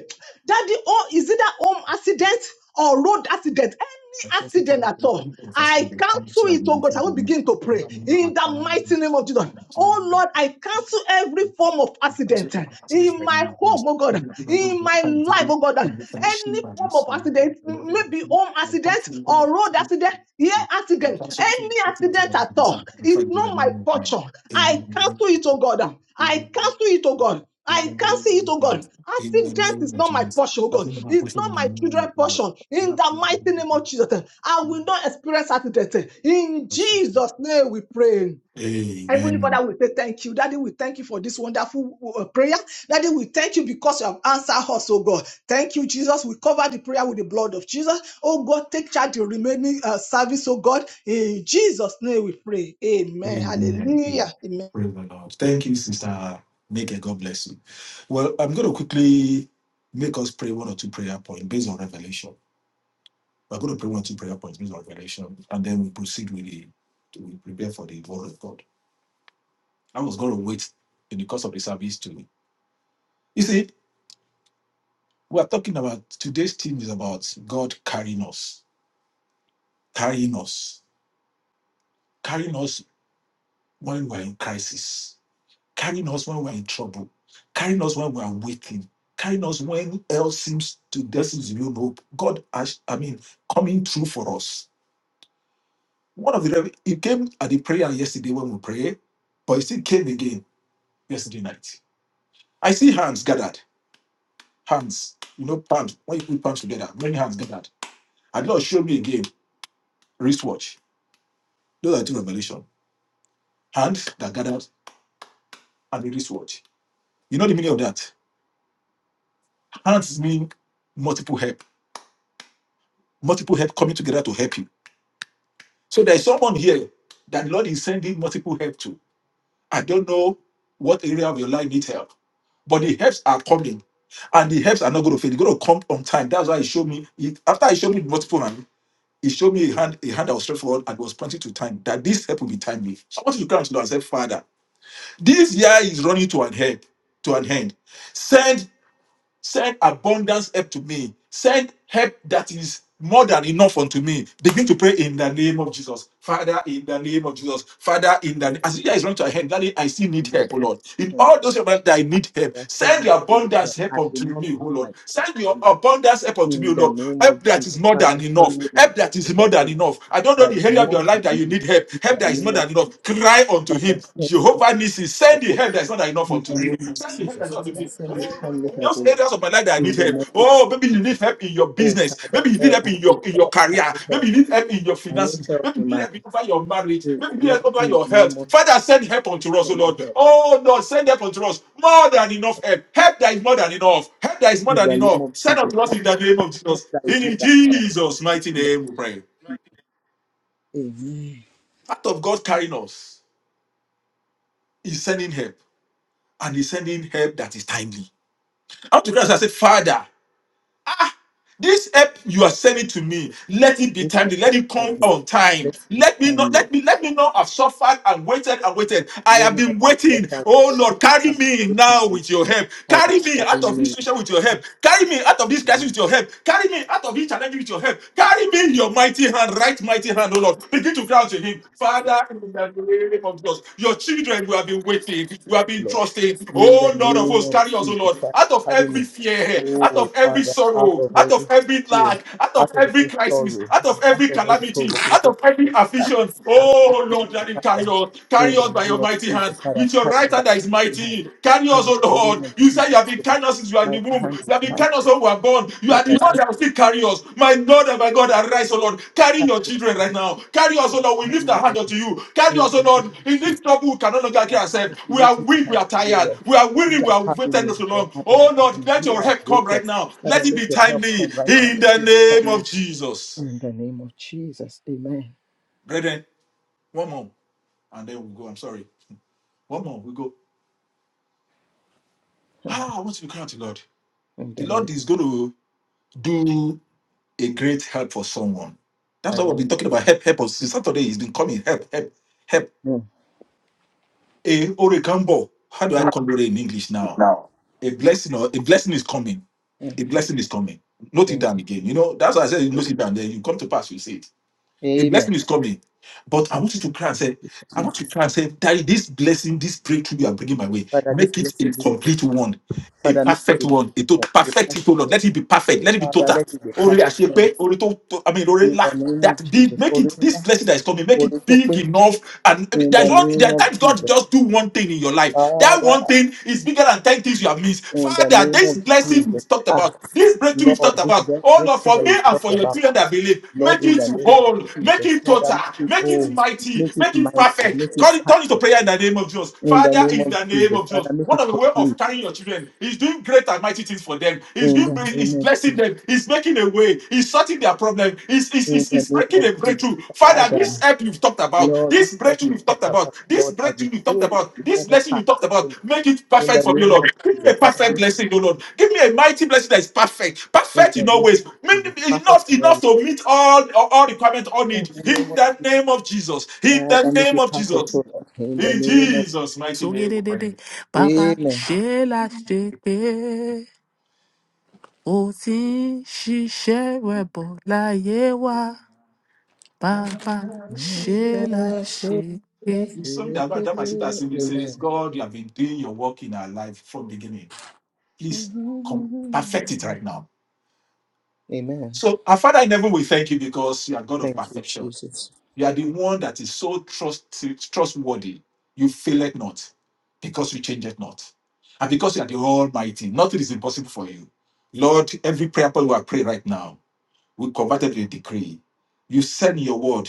daddy, oh, is it a home accident or road accident?
I
Any
can't stop
accident
my
at
feet.
all.
Every person
I
will come
cancel
to your
it, oh
living
God. I will
room.
begin to
I'm
pray in
not gonna stop you. know, I
the mighty
remember
name of Jesus.
my
Oh
family.
Lord, I cancel every
Amen.
form of accident in my home, oh God, in my life, oh God. Any form of of accident, maybe home accident or road accident, here accident, any accident at all. It's not my portion. I cancel it, oh God. I cancel it, oh God. I can't see it, oh God. Accident is not my portion, oh God. It's not my children portion. In the mighty name of Jesus, I will not experience accident. In Jesus' name we pray. Heavenly Father, we say thank you. Daddy, we thank you for this wonderful uh, prayer. Daddy, we thank you because you have answered us, oh God. Thank you, Jesus. We cover the prayer with the blood of Jesus. Oh God, take charge the remaining uh, service, oh God. In Jesus' name we pray. Amen.
Amen.
Hallelujah. Amen.
Praise the Lord. Thank you, Sister Nick. God bless you. Well, I'm going to quickly make us pray one or two prayer points based on revelation. We're going to pray one or two prayer points based on revelation, and then we proceed with the we prepare for the word of God. I was going to wait in the course of the service to you see, we're talking about today's theme is about God carrying us, carrying us, carrying us when we're in crisis, carrying us when we're in trouble, carrying us when we're waiting, carrying us when else seems to there seems to be no hope. God, has- I mean, coming through for us One of the rev- it came at the prayer yesterday when we prayed, but it still came again yesterday night. I see hands gathered, hands, you know, palms. When you put palms together, many hands gathered. And Lord showed me again wristwatch. Those are two revelation. Hands that gathered and the wristwatch. You know the meaning of that. Hands mean multiple help, multiple help coming together to help you. So there is someone here that Lord is sending multiple help to. I don't know what area of your life needs help, but the helps are coming, and the helps are not going to fail. They're going to come on time. That's why he showed me. He, after he showed me multiple hand, he showed me a hand, a hand that was stretched forward and was pointing to time. That this help will be timely. So I want you to cry unto the Lord and say, Father, this year is running to an help, to an end. Send Send abundance help to me. Send help that is more than enough unto me. Begin to pray in the name of Jesus. Father, in the name of Jesus. Father, in the as the year
Father,
is running to a end, that is, I still need help, oh Lord. In all those areas that I need help,
send
send
me to
your
the
abundance
help.
help
I will
unto
not
me, oh
miss my
Lord. Send
time, O
your
Lord.
abundance help unto me, oh
In the
Lord.
name
Help
of
that
Jesus,
is more than
Father,
enough.
send me the
Help
time
that
to
is more
help, O
than
Lord.
enough. I don't know
There is
the area of your
more than
life that you
enough.
need help.
In
Help
the
that is more
name of
than enough. Cry unto him.
Father, send me
Jehovah
time
Nissi,
to help,
send the
O Lord.
help that is not enough
In the
unto me.
name of
Thank the help that
Jesus,
Lord is
Father,
giving.
send me
Oh Lord,
time to
in
help, O
those
Lord.
areas of my life that I need
In the
help.
mighty
Oh,
name
maybe you
of
need
Jesus.
help in your
Oh,
business.
Father,
Maybe you need
Lord,
help
I
in
need
your in your
help. I
career.
need help.
Maybe you need help in your
I need
finances.
help
Maybe you
in
need
my
help over your marriage.
faith,
Maybe you need help
Lord,
over
in
your
the
health.
name of Jesus,
Father, send help unto us, oh
send the
Lord.
help.
Oh Lord, send help unto us. More than enough help. Help that is more than enough. Help that is more
In
than
the name
enough.
of
Send
Jesus,
unto us in the name of Jesus.
that is
In
more than enough.
Jesus' mighty name, we pray.
Amen.
Part of God carrying us is sending help, and He's sending help that is timely. I want to cry and say, Father. Ah, this help you are sending to me, let it be
This
timely.
help
Let it
can
come
be
on time.
very
Let me not,
timely.
let me, let me not have suffered and waited and waited. I
Let
have
me not
been
have
waiting.
suffered and
Oh
waited
Lord, carry
and have
me now with your help.
and
Carry me
had
out of this situation with your help. Carry me out of this
me.
crisis with your help. Carry me out of this challenge with your help. Carry me in your mighty hand, right mighty hand, oh Lord. Begin to cry out to Him, Father. Father, in the name of Jesus. Your children who have been waiting, who have been
Lord.
trusting.
In the
Oh Lord of
name
hosts,
of
carry us, oh
Jesus
Lord,
Christ,
out of
pardon me.
every fear, out
Oh,
of every
Father, out
sorrow,
of
out of
every
every lack,
fear,
out of
out of
every
every
crisis,
sorrow,
out of
out
every
of every
calamity, out
provocation,
of every
every attack,
affliction.
out of
Oh
every
Lord,
evil,
let him carry
Father,
us. Carry
in
us
the
by your
name of
mighty hand.
Jesus, Father,
With your
carry
right
me
hand
back
that is
to him.
mighty. Carry us,
In
oh
the name
Lord.
of
You said
Jesus,
you have been kind us since you are in the
mighty
womb.
hand
You have
is
been
mighty.
kind us when we are born. You are the one that will still carry us. My Lord and my God, arise, O Lord. Carry
Carry
your children right now. Carry us, O Lord.
me,
We
carry
lift our hand
me,
unto you. Carry
in the
us, O
name
Lord.
of
In
Jesus.
this trouble, we cannot longer carry
Father,
ourselves.
I
We are
lift my
weak, we
heart
are
to you,
tired.
Lord.
We are weary, we
Father,
are
pardon
waiting
me,
so
Lord.
long.
I am,
Oh
I
Lord,
am
let
here,
your
I've
help come
waited.
right now.
Father,
Let it be
let your help
timely.
come right now.
In
Let
the
you
name
define me.
of Jesus.
In the name of Jesus, amen.
Brethren, one more. And then we go. I'm sorry. One more. We go. Ah, I want to be out to the Lord.
In
The
the name
Lord is going to do. a great help for someone.
I
That's what
receive.
we've been talking about. Help, help us. Since Saturday, it's been coming. Help, help, help.
Amen.
A orekambo. How do I conjure it in English now? A blessing or a blessing is coming. A blessing is coming. Note it down
Amen.
again. You know, that's why I said you note it down. Then you come to pass, you see it. A
Amen.
blessing is coming. But I want you to cry and say, I want you to cry and say, Daddy, this blessing, this breakthrough you are bringing my way,
Father, this
make it
blessing,
a
this blessing.
complete one a
Father, make it
perfect one a ètò
a perfect.
perfect
blessing.
it o lord let it be perfect let it be
Father,
total
let it be
orí
perfect. blessing.
àṣepé orí tó tó- i mean orí
In
ńlá
the name of
that big
Jesus.
make it this
Orinda,
blessing that is coming make it big
Oritope,
enough and
In the
there's one
name
there are
of
times god
Jesus.
just do one thing in your life that
Father,
one thing is bigger than ten things you have missed
in the
father
name
this
of
blessing we've talked
Jesus.
about this breakthrough we've
Lord,
talked
this
about
break-
oh lord
breakthrough
for
that
me
you
and
talked
for your
about,
children that believe
Lord,
make
in
it
the name of
whole make
Jesus,
it
Father,
total
make it
make it
whole,
mighty
make it
make it
mighty, make
perfect
it
turn it turn it to
perfect,
prayer in the name of jesus
in the
father
name
in the
of
name name
Jesus,
of Jesus.
Father, make
One
it
of the way of
complete,
carrying your children. He's doing great and mighty things for them. He's
in
doing
the
he's
name of
blessing
Jesus,
them. He's making a way. He's sorting their problem. He's, he's,
in
he's,
the
he's
name
breaking
of
a
Jesus,
breakthrough. Father, this
Father,
help you've talked about,
Lord, this
this
help
breakthrough
you
you've
talked
talked about,
about,
this
Lord, I
breakthrough you've talked
receive it
about,
with
this
open
blessing you
heart,
talked
O
about,
Lord.
make it
in
perfect
the
for me,
name
Lord.
of
Give
Jesus,
me a
Father,
perfect
make it
blessing, O Lord. Give me a mighty blessing that is perfect.
in
Perfect
the
in all
name
ways.
of Jesus, perfect,
Enough, enough
Lord,
to meet all, all requirements, all
in
needs.
the name
In
of
the name of Jesus. In the
Father, make
name
it
of
perfect,
Jesus.
O Lord, in the
In
name of
Jesus' mighty name, we
sógededédé
pray.
bàbá
Amen.
ṣe la ṣe pé o ti ń ṣiṣẹ́ rẹ̀ bọ̀ bàbá
It's
ṣe la ṣe
Amen.
something that, that my sister said, it says, God, you have been doing your work in our life from beginning. Please come perfect it right now.
Amen.
So our Father in heaven, we thank you because you are God of
Thank you,
perfection.
Jesus.
You are the one that is so trust, trustworthy. You fail it not because you change it not. And because you are the Almighty, nothing is impossible for you. Lord, every prayer point we are praying right now, we convert it to a decree. You said in your word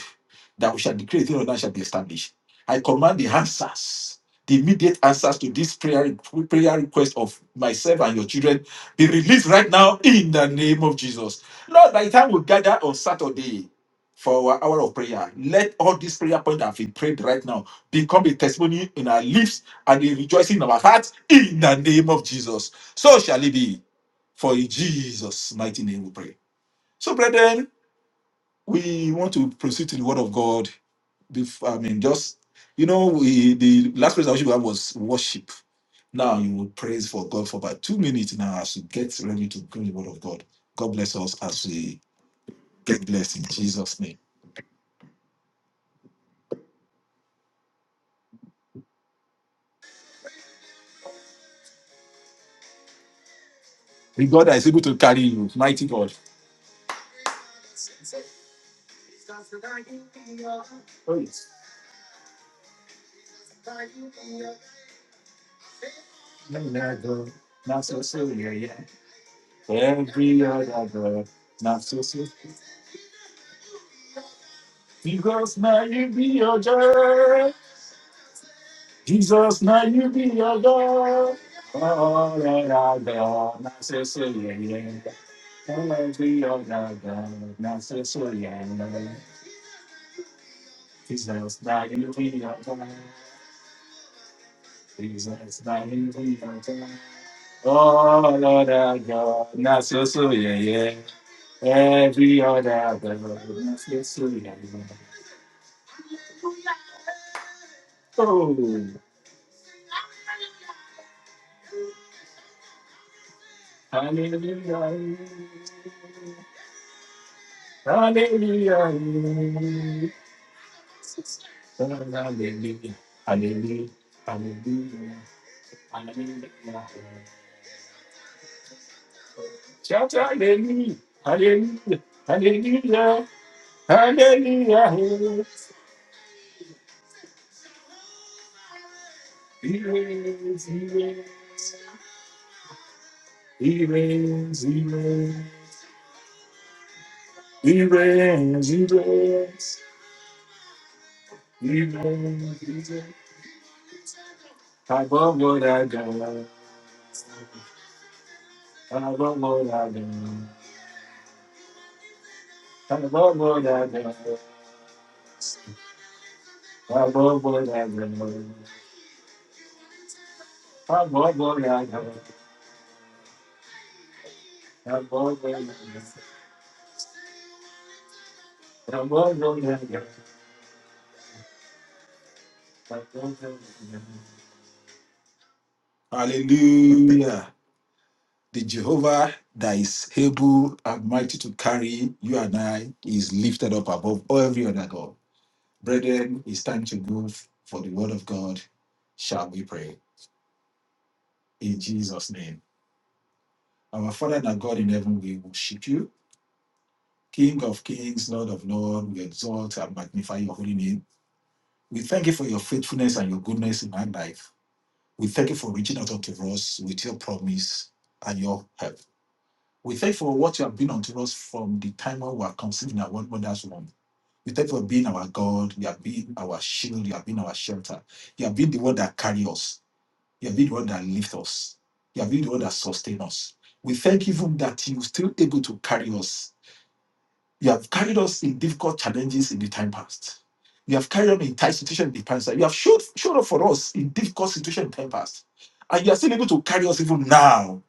that we shall decree a thing and that shall be established. I command the answers, the immediate answers to this prayer, prayer request of myself and your children be released right now in the name of Jesus. Lord, by the time we gather on Saturday for our hour of prayer, let all these prayer points that have been prayed right now become a testimony in our lips and a rejoicing in our hearts in the name of Jesus. So shall it be. For in Jesus' mighty name we pray. So, brethren, we want to proceed to the word of God. Before, I mean, just you know, we the last praise I wish we had was worship. Now you will praise for God for about two minutes now as we get ready to bring the word of God. God bless us as we get blessed in Jesus' name. The God that is able to carry you, mighty God. Not so soon, yeah, yeah. Yeah, yeah, not so soon. Because now you be your God. Oh, yeah. Jesus, dying to your time. Jesus, dying to your time. Oh Lord our God, not so so yeah yeah. Every other God, not so so yeah yeah. Oh, hallelujah, hallelujah, hallelujah, hallelujah, hallelujah. hallelujah. Shout hallelujah, hallelujah, hallelujah, hallelujah. He reigns, he reigns, he reigns, he reigns, he reigns, he reigns, he reigns, he reigns. I love what I do, I love what I do. I love what I do, I love what I do. I love what I do, I love what I do. I love what I do, I love what I do. Hallelujah. The Jehovah that is able and mighty to carry you and I is lifted up above every other God. Brethren, it's time to move for the word of God. Shall we pray? In Jesus' name. Our Father and our God in heaven, we worship you. King of kings, Lord of lords, we exalt and magnify your holy name. We thank you for your faithfulness and your goodness in our life. We thank you for reaching out unto us with your promise and your help. We thank you for what you have been unto us from the time when we were conceived in our one mother's womb. We thank you for being our God. You have been our shield. You have been our shelter. You have been the one that carry us. You have been the one that lift us. You have been the one that sustain us. We thank you for that you still able to carry us. You have carried us in difficult challenges in the time past. You have carried us in tight situation in the past. You have showed, showed up for us in difficult situation in the time past. And you are still able to carry us even now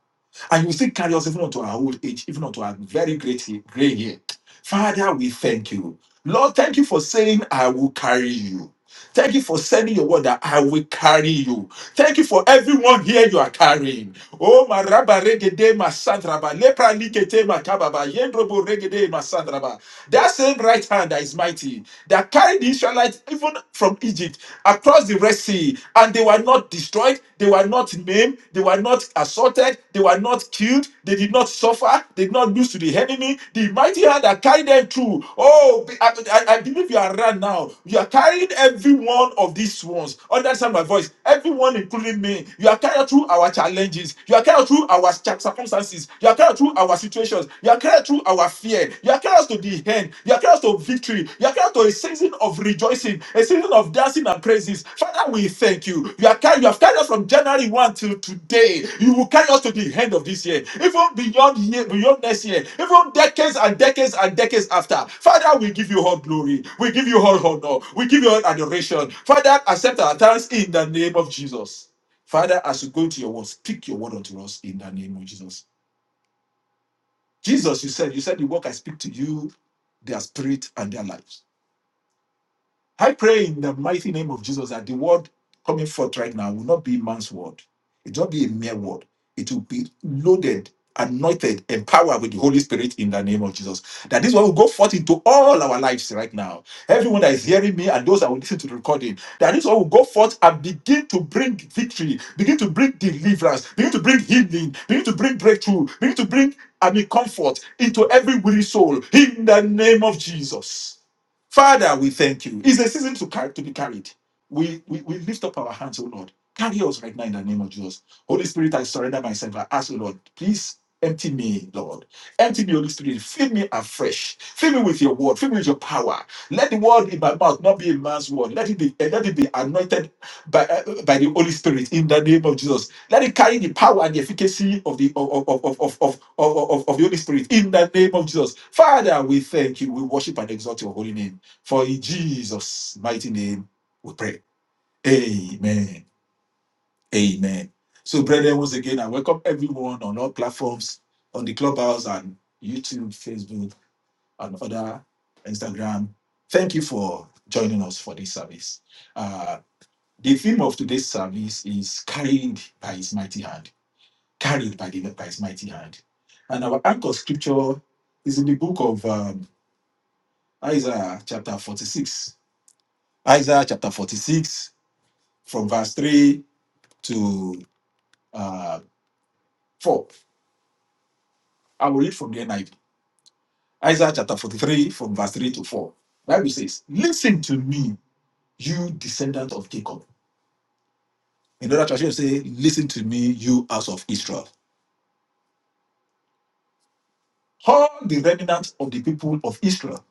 and you will still carry us even unto our old age, even unto our very great gray hair. Father, we thank you. Lord, thank you for saying, I will carry you. Thank you for sending your word that I will carry you. Thank you for everyone here you are carrying. Oh, my rabba regede, my sandraba, lepra likete, my kababa, yendrobo regede, my sandraba. That same right hand that is mighty, that carried the Israelites even from Egypt across the Red Sea, and they were not destroyed, they were not maimed, they were not assaulted, they were not killed. They did not suffer. They did not lose to the enemy. The mighty hand that carried them through. Oh, I, I- I believe you are right now. You are carrying every one of these ones. Understand my voice. Everyone, including me. You are carried through our challenges. You are carried through our circumstances. You are carried through our situations. You are carried through our fear. You are carried us to the end. You are carried us to victory victory. You are carried to a season of rejoicing, a season of dancing and praises. Father, we thank you. You are carried, you have carried us from January 1 till today. You will carry us to the end of this year, even beyond year, beyond next year, even decades and decades and decades after. Father, we give you all glory. We give you all honor. We give you all adoration. Father, accept our thanks in the name of Jesus. Father, as you go to your word, speak your word unto us in the name of Jesus. Jesus, you said, you said the work I speak to you, their spirit and their lives. I pray in the mighty name of Jesus that the word coming forth right now will not be man's word. It will not be a mere word. It will be loaded, anointed, empowered with the Holy Spirit in the name of Jesus. That this one will go forth into all our lives right now. Everyone that is hearing me and those that will listen to the recording, that this one will go forth and begin to bring victory, begin to bring deliverance, begin to bring healing, begin to bring breakthrough, begin to bring I mean comfort into every weary soul in the name of Jesus. Father, we thank you. It's a season to carry to be carried. We, we we lift up our hands, oh Lord. Carry us right now in the name of Jesus. Holy Spirit, I surrender myself. I ask, oh Lord, please empty me, Lord. Empty me, Holy Spirit. Fill me afresh. Fill me with your word. Fill me with your power. Let the word in my mouth not be a man's word. Let it be, eh, let it be anointed by, eh, eh, by the Holy Spirit in the name of Jesus. Let it carry the power and the efficacy of the of, of, of, of, of, of, of of the Holy Spirit in the name of Jesus. Father, we thank you. We worship and exalt your holy name. For in Jesus' mighty name we pray. Amen. Amen. So, brethren, once again, I welcome everyone on all platforms, on the Clubhouse and YouTube, Facebook, and other Instagram. Thank you for joining us for this service. Uh, the theme of today's service is carried by his mighty hand, carried by, the, by his mighty hand. And our anchor scripture is in the book of um, Isaiah chapter 46. Isaiah chapter 46, from verse 3 to uh, 4. I will read from the NIV. Isaiah chapter 43, from verse 3 to 4. Bible says, Listen to me, you descendant of Jacob. In other translation, say, Listen to me, you house of Israel. All the remnant of the people of Israel,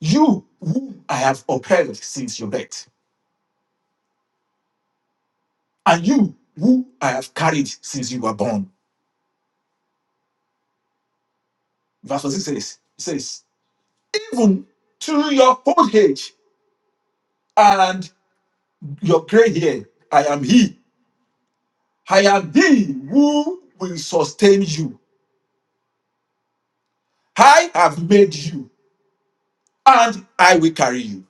you whom I have upheld since your birth, and you who I have carried since you were born. Verse 6 says, it says, Even to your old age and your gray hair, I am he I am thee who will sustain you. I have made you, and I will carry you.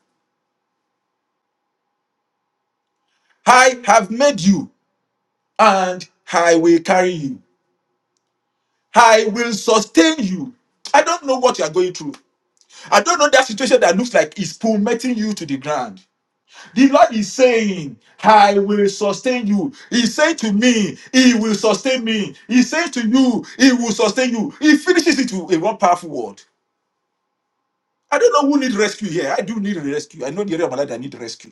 I have made you, and I will carry you. I will sustain you. I don't know what you are going through. I don't know that situation that looks like it's plummeting you to the ground. The Lord is saying, I will sustain you. He said to me, He will sustain me. He said to you, He will sustain you. He finishes it with a one powerful word. I don't know who need rescue here. I do need rescue. I know the area of my life that need rescue.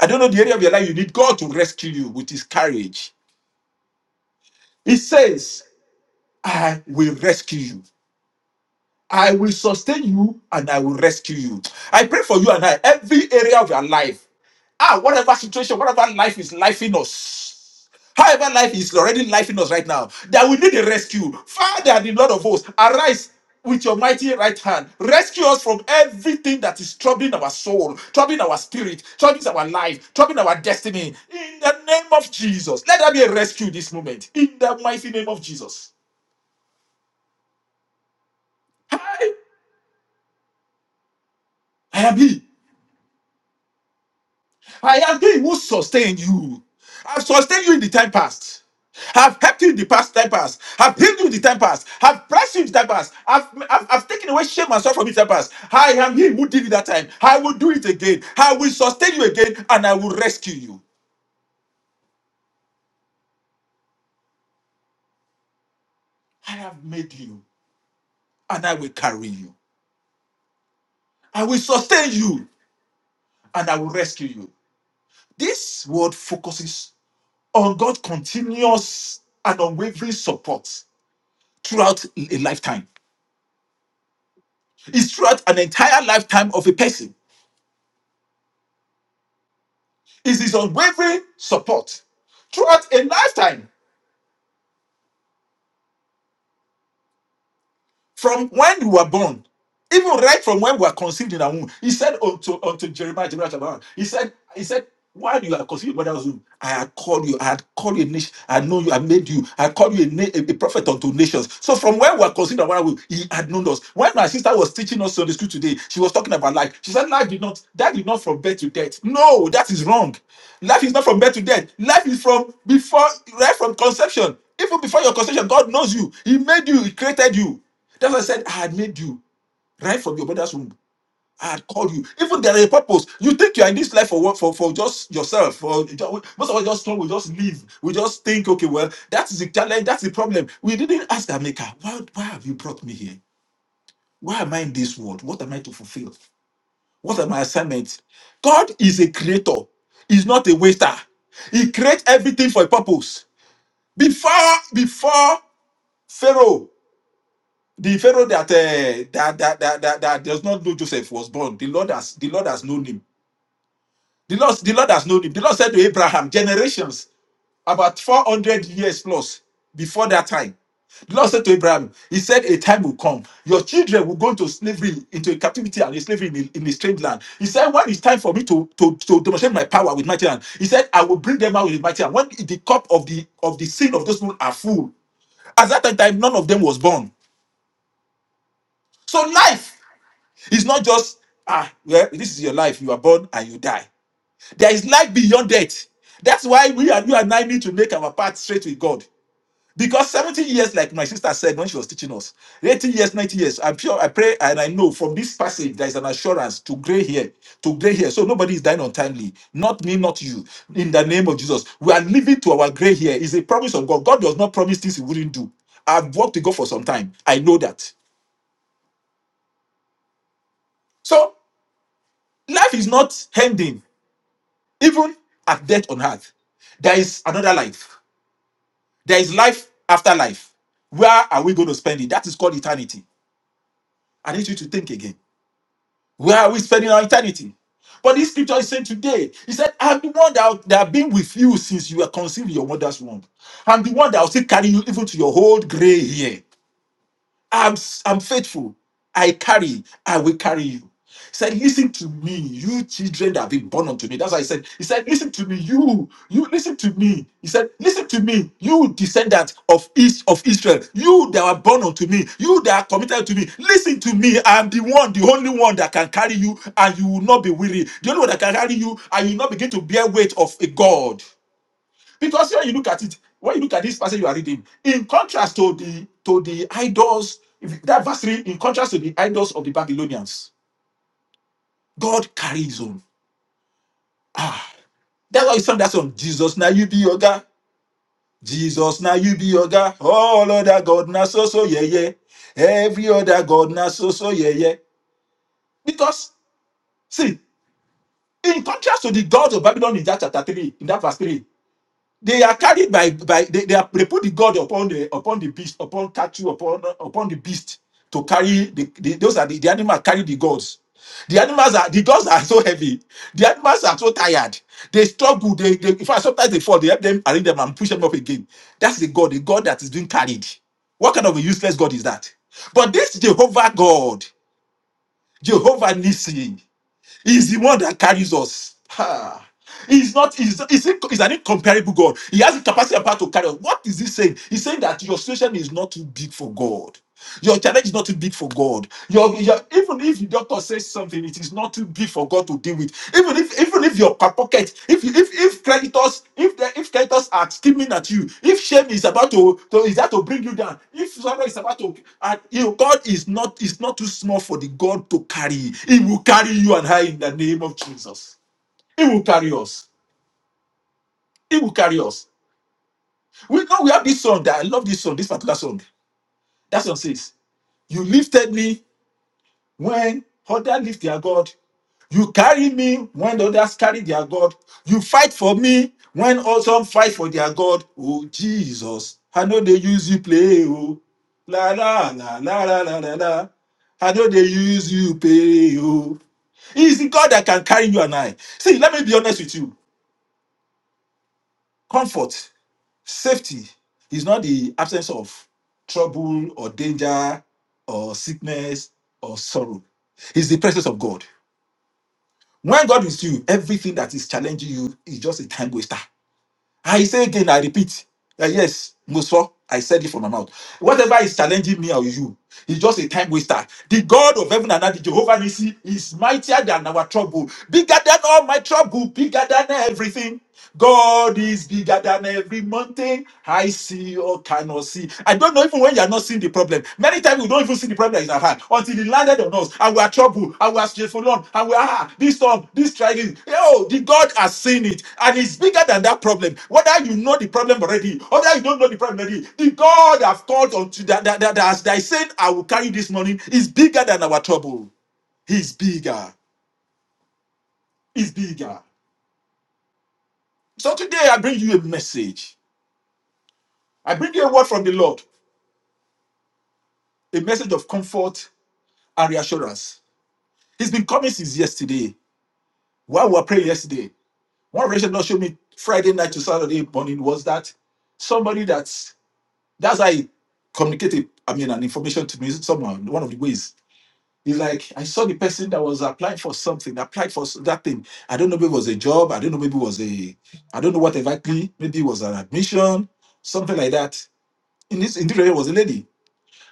I don't know the area of your life you need God to rescue you with his courage. He says, I will rescue you. I will sustain you and I will rescue you. I pray for you and I, every area of your life Ah, whatever situation, whatever life is life in us. However, life is already life in us right now. That we need a rescue. Father, the Lord of hosts, arise with your mighty right hand. Rescue us from everything that is troubling our soul, troubling our spirit, troubling our life, troubling our destiny. In the name of Jesus. Let there be a rescue this moment. In the mighty name of Jesus. Hi, I am he. I am He who sustained you. I've sustained you in the time past. I've helped you in the past time past. I've healed you in the time past. I've blessed you in the time past. I've, I've, I've taken away shame and sorrow from you in the time past. I am He who did it that time. I will do it again. I will sustain you again and I will rescue you. I have made you and I will carry you. I will sustain you and I will rescue you. This word focuses on God's continuous and unwavering support throughout a lifetime. is throughout an entire lifetime of a person. Is his unwavering support throughout a lifetime. From when you were born, even right from when we were conceived in our womb, he said unto, unto Jeremiah, Jeremiah chapter 1, he said, he said, while you are conceived in your mother's womb, I had called you, I had called you a nation, I know you, I made you, I called you a, na- a- a prophet unto nations. So from when we were conceived in our mother's womb, he had known us. When my sister was teaching us Sunday school today, she was talking about life. She said, life did not, that did not from birth to death. No, that is wrong. Life is not from birth to death. Life is from before, right from conception. Even before your conception, God knows you. He made you, He created you. That's why I said, I had made you right from your mother's womb. I had called you. Even there is a purpose. You think you are in this life for what? For, for just yourself. For most of us just we just live. We just think, okay, well, that's the challenge. That's the problem. We didn't ask the maker, why, why have you brought me here? Why am I in this world? What am I to fulfill? What are my assignments? God is a creator. He's not a waster. He creates everything for a purpose. Before, before Pharaoh The Pharaoh that, uh, that, that, that, that, that does not know Joseph was born. The Lord has the Lord has known him. The Lord, the Lord has known him. The Lord said to Abraham, generations, about 400 years plus before that time. The Lord said to Abraham, He said, A time will come. Your children will go into slavery, into captivity and slavery in, in a strange land. He said, When it's time for me to, to, to demonstrate my power with mighty hand, He said, I will bring them out with mighty hand. When the cup of the of the sin of those people are full, at that time, none of them was born. So life It's not just, ah, well, this is your life. You are born and you die. There is life beyond death. That's why we and you and I need to make our path straight with God. Because 70 years, like my sister said when she was teaching us, 80 years, 90 years, I'm sure I pray and I know from this passage there is an assurance to gray hair, to gray hair. So nobody is dying untimely. Not me, not you. In the name of Jesus. We are living to our gray hair. It's a promise of God. God does not promise things he wouldn't do. I've worked with God for some time. I know that. So life is not ending Even at death on earth, there is another life. There is life after life. Where are we going to spend it? That is called eternity. I need you to think again. Where are we spending our eternity? But this scripture is saying today, he said, I'm the one that, that have been with you since you were conceived in your mother's womb. I'm the one that will still carry you even to your old gray hair. I'm, I'm faithful. I carry, I will carry you. He said, Listen to me, you children that have been born unto me. That's why he said, He said, Listen to me, you, you listen to me. He said, Listen to me, you descendants of East of Israel, you that were born unto me, you that are committed to me. Listen to me. I'm the one, the only one that can carry you, and you will not be weary. The only one that can carry you, and you will not begin to bear weight of a God. Because when you look at it, when you look at this passage you are reading, in contrast to the to the idols, if that verse three, in contrast to the idols of the Babylonians, God carries his own. Ah, that's why he sang that song. Jesus now you be your God. Jesus now you be your God. All other God now so so yeah yeah. Every other God now so so yeah yeah. Because see, in contrast to the gods of Babylon in that chapter three, in that verse three, They are carried by by they, they, are, they put the god upon the upon the beast upon cattle upon upon the beast to carry the, the those are the, the animals carry the gods. The animals are the gods are so heavy. The animals are so tired. They struggle. They, they in fact sometimes they fall. They help them arrange them and push them up again. That's the god, the god that is being carried. What kind of a useless god is that? But this Jehovah God, Jehovah Nissi. He's the one that carries us. Ha. He's not, he's, he's, in- he's an incomparable God. He has the capacity and power to carry us. What is he saying? He's saying that your situation is not too big for God. Your challenge is not too big for God. Your, your even if the doctor says something, it is not too big for God to deal with. Even if even if your pa- pocket, if you- if if creditors, if the, if creditors are scheming at you, if shame is about to, to is that to bring you down, if sorrow is about to, and you know, God is not is not too small for the God to carry. He will carry you and I in the name of Jesus. He will carry us. He will carry us. We know we have this song that I love. This song, this particular song. That song says, "You lifted me." when others lift their God. You carry me when others carry their God. You fight for me when some fight for their God. Oh Jesus, I know they use you play. Oh la la la la la la la. la. I know they use you play. Oh, it's the God that can carry you and I. See, let me be honest with you. Comfort, safety is not the absence of trouble or danger or sickness or sorrow. It's the presence of God. When God is you, everything that is challenging you is just a time waster. I say again, I repeat. that yes, Musa, I said it from my mouth. Whatever is challenging me or you, it's just a time waster. The God of heaven and earth, the Jehovah Nissi, is mightier than our trouble, bigger than all my trouble, bigger than everything. God is bigger than every mountain I see or cannot see. I don't know if when you are not seeing the problem. Many times we don't even see the problem that is at hand until it landed on us and we are troubled and we are straightforward and we are ah, this storm, this tragedy. Oh, the God has seen it and it's bigger than that problem. Whether you know the problem already or whether you don't know the problem already, the God I've called unto that, that, that, that, that I said I will carry this morning is bigger than our trouble. He's bigger. He's bigger. So today I bring you a message. I bring you a word from the Lord, a message of comfort and reassurance. He's been coming since yesterday. While we were praying yesterday, one revelation God showed me Friday night to Saturday morning was that somebody that's that's how he communicated, I mean, an information to me, someone, one of the ways. He's like, I saw the person that was applying for something, applied for that thing. I don't know maybe it was a job, I don't know maybe it was a I don't know what exactly, maybe it was an admission, something like that. In this interview it was a lady.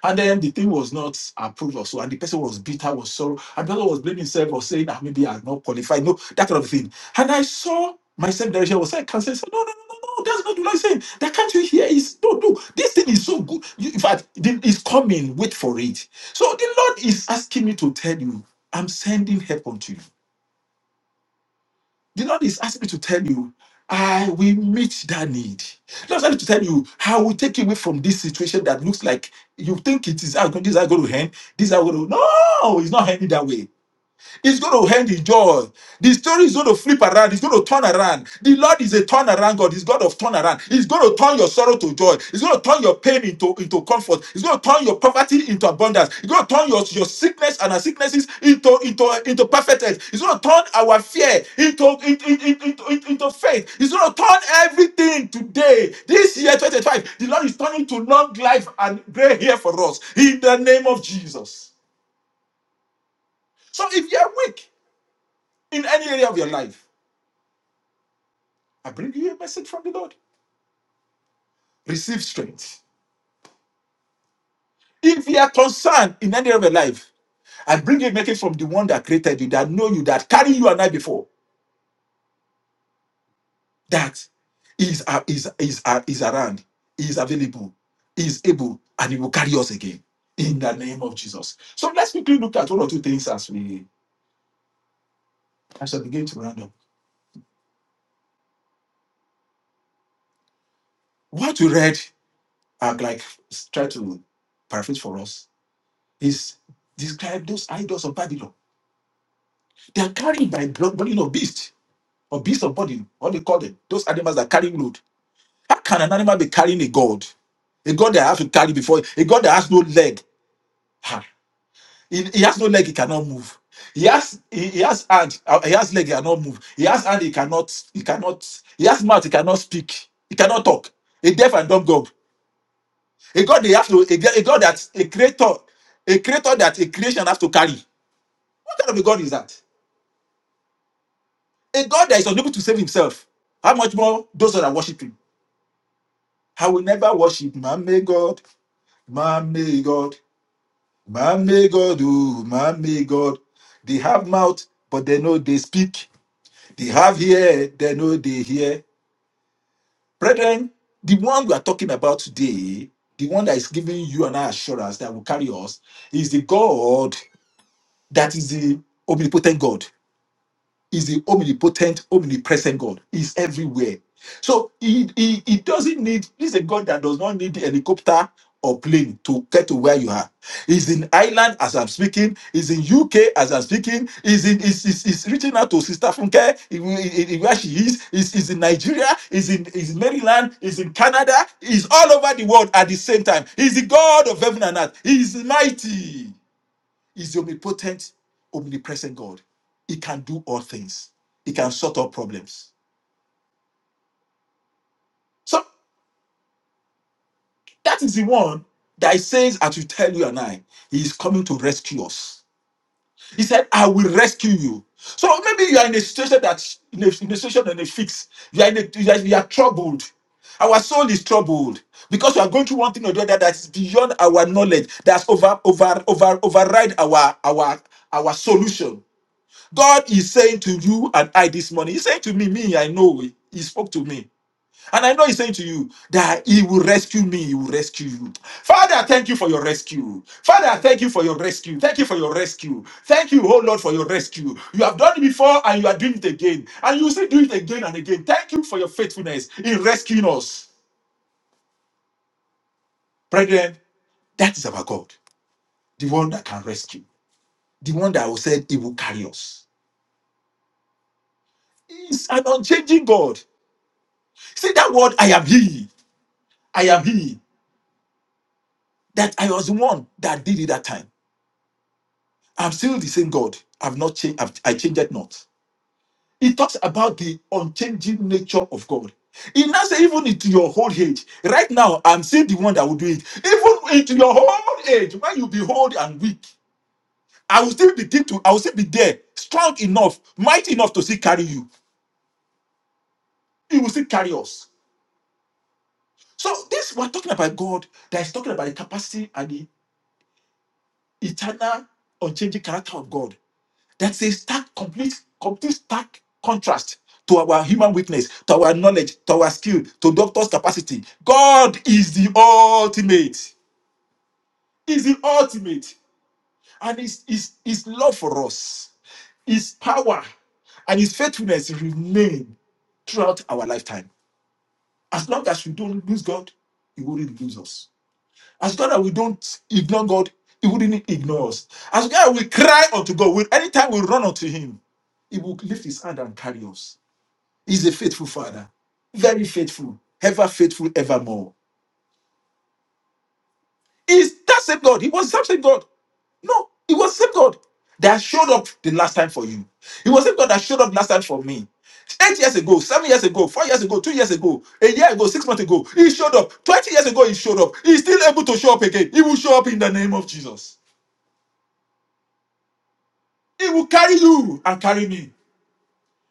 And then the thing was not approved or so, and the person was bitter, was sorrow, and the person was blaming himself or saying, ah, maybe I'm not qualified, no, that kind of thing. And I saw myself there, I was like, cancer, said, no, no, no, no, no, that's not what I'm saying. That can't you hear? Is no, no, this thing is so good. You- in fact, the- it's coming, wait for it. So the Lord is asking me to tell you, I'm sending help unto you. The Lord is asking me to tell you, I will meet that need. The Lord is asking me to tell you, I will take you away from this situation that looks like you think it is how- this is going to end. This is going to. No, it's not ending that way. It's going to end in joy. The story is going to flip around. It's going to turn around. The Lord is a turnaround God. He's God of turnaround. He's going to turn your sorrow to joy. He's going to turn your pain into, into comfort. He's going to turn your poverty into abundance. He's going to turn your, your sickness and our sicknesses into, into, into perfect health. He's going to turn our fear into, into, into, into, into faith. He's going to turn everything today. This year, 2025, the Lord is turning to long life and gray hair for us in the name of Jesus. So if you're weak, in any area of your life, I bring you a message from the Lord. Receive strength. If you are concerned in any area of your life, I bring you a message from the one that created you, that know you, that carried you and I before. That is uh, is is uh, is around, is available, is able, and he will carry us again in the name of Jesus. So let's quickly look at one or two things as we as we begin to round up. What we read, uh, like try to paraphrase for us, is describe those idols of Babylon They are carried by blood, burden of beast or beast of burden. What they call them? Those animals that carry load. How can an animal be carrying a god? A god that has to carry before a god that has no leg. Ha. He, he has no leg. He cannot move. He has he, he has hand. uh, He has leg. He cannot move. He has hand. He cannot. He cannot. He has mouth. He cannot speak. He cannot talk. A deaf and dumb god. A god they have to. A, g- a god that a creator. A creator that a creation has to carry. What kind of a god is that? A God that is unable to save himself. How much more those that are worshiping? I will never worship my may God, my may God, my may God, oh, my may God. They have mouth, but they know they speak. They have ear, they know they hear. Brethren, the one we are talking about today, the one that is giving you an assurance that will carry us, is the God that is the omnipotent God. is the omnipotent, omnipresent God. He's everywhere. So he, he, he doesn't need, he's a God that does not need the helicopter or plane to get to where you are. He's in Ireland as I'm speaking, he's in UK as I'm speaking, he's in he's, he's, he's reaching out to Sister Funke in- in- in where she is, he's, he's in Nigeria, he's in he's in Maryland, he's in Canada, he's all over the world at the same time. He's the God of heaven and earth. He's mighty. He's the omnipotent, omnipresent God. He can do all things. He can sort out problems. So that is the one that he says, as you tell you and I, he is coming to rescue us. He said, I will rescue you. So maybe you are in a situation that in a, in a situation and a fix. You are in a, you are, you are troubled. Our soul is troubled because we are going through one thing or the other that is beyond our knowledge, that's over over over override our our our solution. God is saying to you and I this morning, He's saying to me, me, I know He He spoke to me. And I know He's saying to you that He will rescue me, He will rescue you. Father, thank you for your rescue. Father, thank you for your rescue. Thank you for your rescue. Thank you, oh Lord, for your rescue. You have done it before and you are doing it again. And you will still do it again and again. Thank you for your faithfulness in rescuing us. Brethren, that is our God, the one that can rescue, the one that will say He will carry us. He's an unchanging God. See that word, I am He. I am he. That I was the one that did it that time. I'm still the same God. I've not changed. I've, I changed it not. It talks about the unchanging nature of God. It now says even into your old age. Right now, I'm still the one that will do it. Even into your old age, when you be old and weak, I will still be there to. I will still be there, strong enough, mighty enough to still carry you. He will still carry us. So this we're talking about God that is talking about the capacity and the eternal, unchanging character of God That's a stark, complete, complete stark contrast to our human weakness, to our knowledge, to our skill, to doctor's capacity. God is the ultimate. is the ultimate. And his, his, his love for us, his power, and his faithfulness remain throughout our lifetime. As long as we don't lose God, he wouldn't lose us. As long as we don't ignore God, he wouldn't ignore us. As long as we cry unto God, we, anytime we run unto him, he will lift his hand and carry us He's a faithful father. Very faithful. Ever faithful evermore. Is that same God. He was that same God. No, he was same God that showed up the last time for you. He was same God that showed up last time for me. Eight years ago, seven years ago, four years ago, two years ago, a year ago, six months ago, he showed up. 20 years ago, he showed up. He's still able to show up again. He will show up in the name of Jesus. He will carry you and carry me.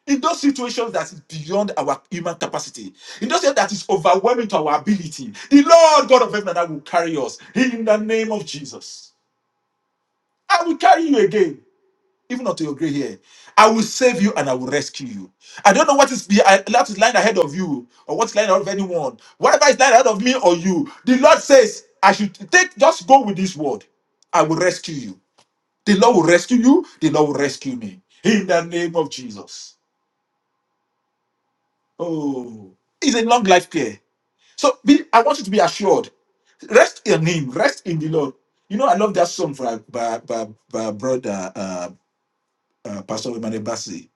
in those situations that is beyond our human capacity, in those situations that is overwhelming to our ability, the Lord God of heaven and Earth will carry us in the name of Jesus. I will carry you again, even unto your grey hair. I will save you and I will rescue you. I don't know what is behind, what is lying ahead of you or what's lying ahead of anyone. Whatever is lying ahead of me or you, the Lord says, I should take, just go with this word. I will rescue you. The Lord will rescue you. The Lord will rescue me. In the name of Jesus. Oh, it's a long life care. So be, I want you to be assured. Rest in Him. Rest in the Lord. You know, I love that song by by, by, by brother uh, uh, Pastor Emmanuel Bassi.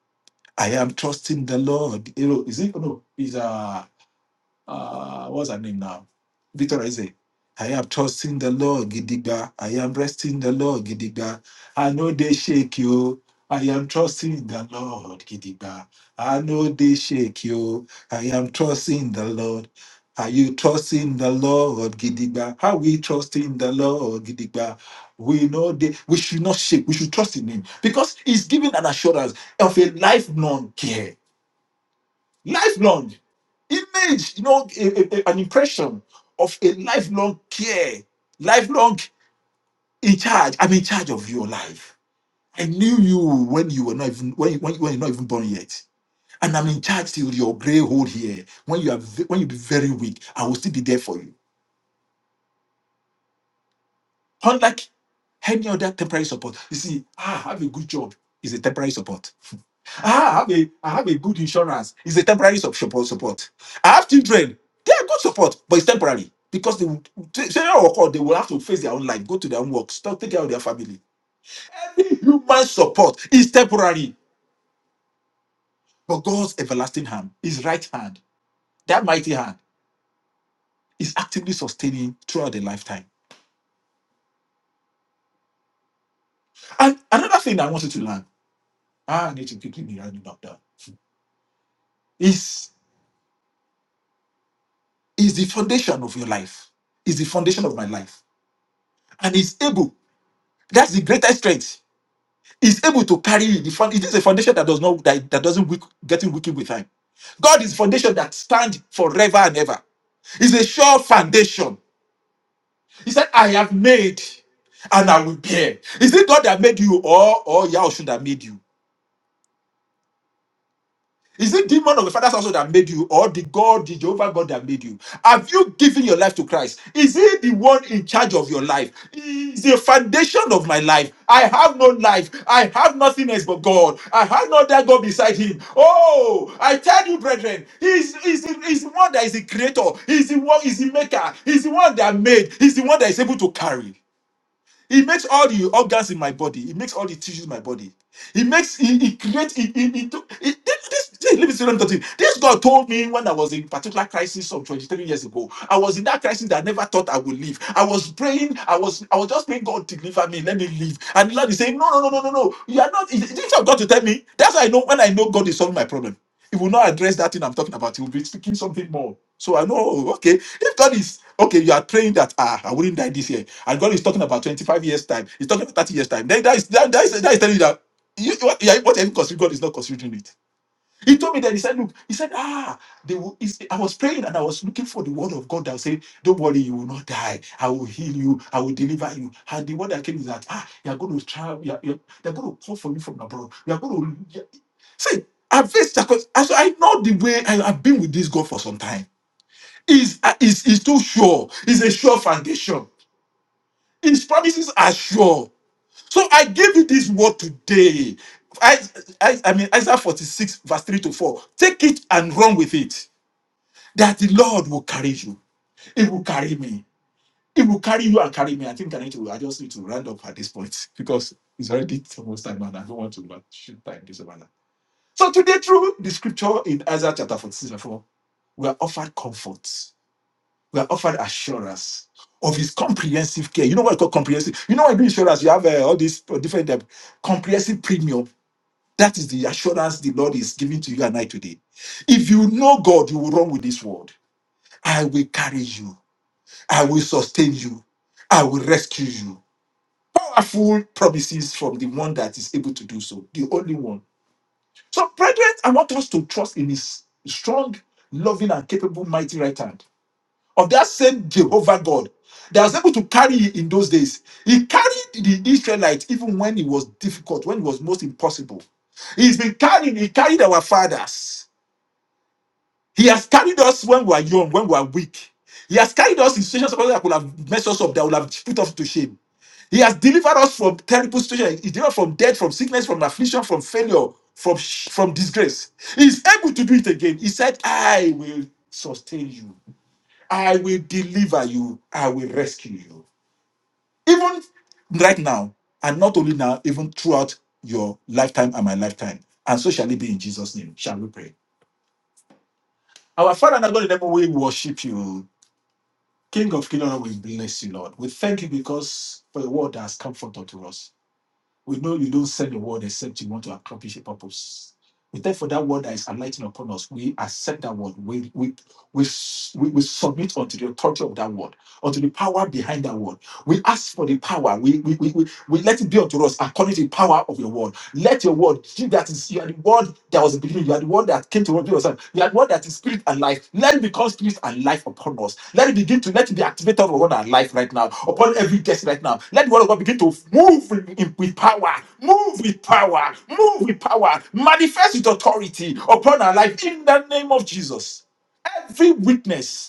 I am trusting the Lord. You know, is it? No, is uh uh, what's her name now? Victor Eze. I am trusting the Lord, Gidigba. I am resting the Lord, Gidigba. I know they shake you. I am trusting the Lord, Gidigba. I know they shake you. I am trusting the Lord. Are you trusting the Lord, Gidigba? Are we trusting the Lord, Gidigba? We know they, we should not shake. We should trust in Him because He's giving an assurance of a life non care Lifelong image, you know, a- a- an impression of a lifelong care, lifelong in charge. I'm in charge of your life. I knew you when you were not even when you, when, you- when you're not even born yet, and I'm in charge till your gray hole here. When you are ve- when you be very weak, I will still be there for you. Unlike any other temporary support, you see, ah, have a good job is a temporary support. I have a I have a good insurance. It's a temporary sup- support support. I have children. They are good support, but it's temporary because they will senior or call, they will have to face their own life, go to their own work, stop take care of their family. Human support is temporary, but God's everlasting hand, His right hand, that mighty hand, is actively sustaining throughout the lifetime. And another thing I want you to learn, ah, I need to quickly be running back down, is is the foundation of your life, is the foundation of my life, and is able. That's the greatest strength is able to carry you. The found, it is a foundation that does not that, that doesn't weak, getting weakened with time. God is foundation that stands forever and ever. It's a sure foundation. He said, I have made and I will bear. Is it God that made you or or Yahshua that made you? Is it demon of the father's household that made you, or the God, the Jehovah God that made you? Have you given your life to Christ? Is he the one in charge of your life? He Is the foundation of my life? I have no life. I have nothing else but God. I have no other God beside Him. Oh, I tell you, brethren, He's He's the, he's the one that is the creator. He's the one. He's the maker. He's the one that made. He's the one that is able to carry. He makes all the organs in my body. He makes all the tissues in my body. He makes he, he creates he, he, he, do- he- this, this, this, let me see what I'm talking. This God told me when I was in particular crisis some 23 years ago. I was in that crisis that I never thought I would live. I was praying. I was I was just praying God deliver me. Let me live. And the Lord is saying no no no no no no. You are not. Didn't you have God to tell me? That's how I know when I know God is solving my problem you will not address that thing I'm talking about. You will be speaking something more. So I know, oh, okay, if God is, okay, you are praying that, ah, I wouldn't die this year. And God is talking about 25 years' time. He's talking about 30 years' time. Then that is, that, that is, that is telling you that you, what, yeah, what you consider, God is not considering it. He told me that, he said, look, he said, ah, they will, he said- I was praying and I was looking for the word of God that said, don't worry, you will not die. I will heal you. I will deliver you. And the word that came is that, ah, you are going to travel. You are, you are- they are going to call for you from abroad. You are going to. See, I've faced circum- so I know the way I, have been with this God for some time. Is uh, is is too sure. It's a sure foundation. His promises are sure. So I give you this word today. I, I, I mean Isaiah 46, verse 3 to 4. Take it and run with it. That the Lord will carry you. It will carry me. It will carry you and carry me. I think I need to I just need to round up at this point because it's already almost time and I don't want to overshoot time. this over. So today, through the scripture in Isaiah chapter 46 and 4, we are offered comfort. We are offered assurance of his comprehensive care. You know what I call comprehensive? You know what I do insurance? You have uh, all these uh, different uh, comprehensive premium. That is the assurance the Lord is giving to you and I today. If you know God, you will run with this word. I will carry you. I will sustain you. I will rescue you. Powerful promises from the one that is able to do so, the only one So, brethren, I want us to trust in His strong, loving, and capable, mighty right hand of that same Jehovah God that was able to carry you in those days. He carried the Israelites even when it was difficult, when it was most impossible. He's been carrying, He carried our fathers. He has carried us when we are young, when we are weak. He has carried us in situations that could have messed us up, that would have put us to shame. He has delivered us from terrible situations. He delivered from death, from sickness, from affliction, from failure, from sh- from disgrace. He is able to do it again. He said, "I will sustain you. I will deliver you. I will rescue you." Even right now, and not only now, even throughout your lifetime and my lifetime. And so shall it be in Jesus' name. Shall we pray? Our Father and our God in heaven, we worship you. King of Kingdom, we bless you, Lord. We thank you because for the word that has come forth unto us. We know you don't send the word except you want to accomplish a purpose. We thank for that word that is enlightening upon us. We accept that word. We we we, we, we submit unto the authority of that word, unto the power behind that word. We ask for the power. We, we, we, we, we let it be unto us according to the power of your word. Let your word, you that is, you are the word that was in the beginning. You are the word that came to us. yourself. You are the word that is spirit and life. Let it become spirit and life upon us. Let it begin to, let it be activated upon our life right now, upon every guest right now. Let the word of God begin to move in, in- with power, move with power, move with power, manifest with authority upon our life in the name of Jesus. Every witness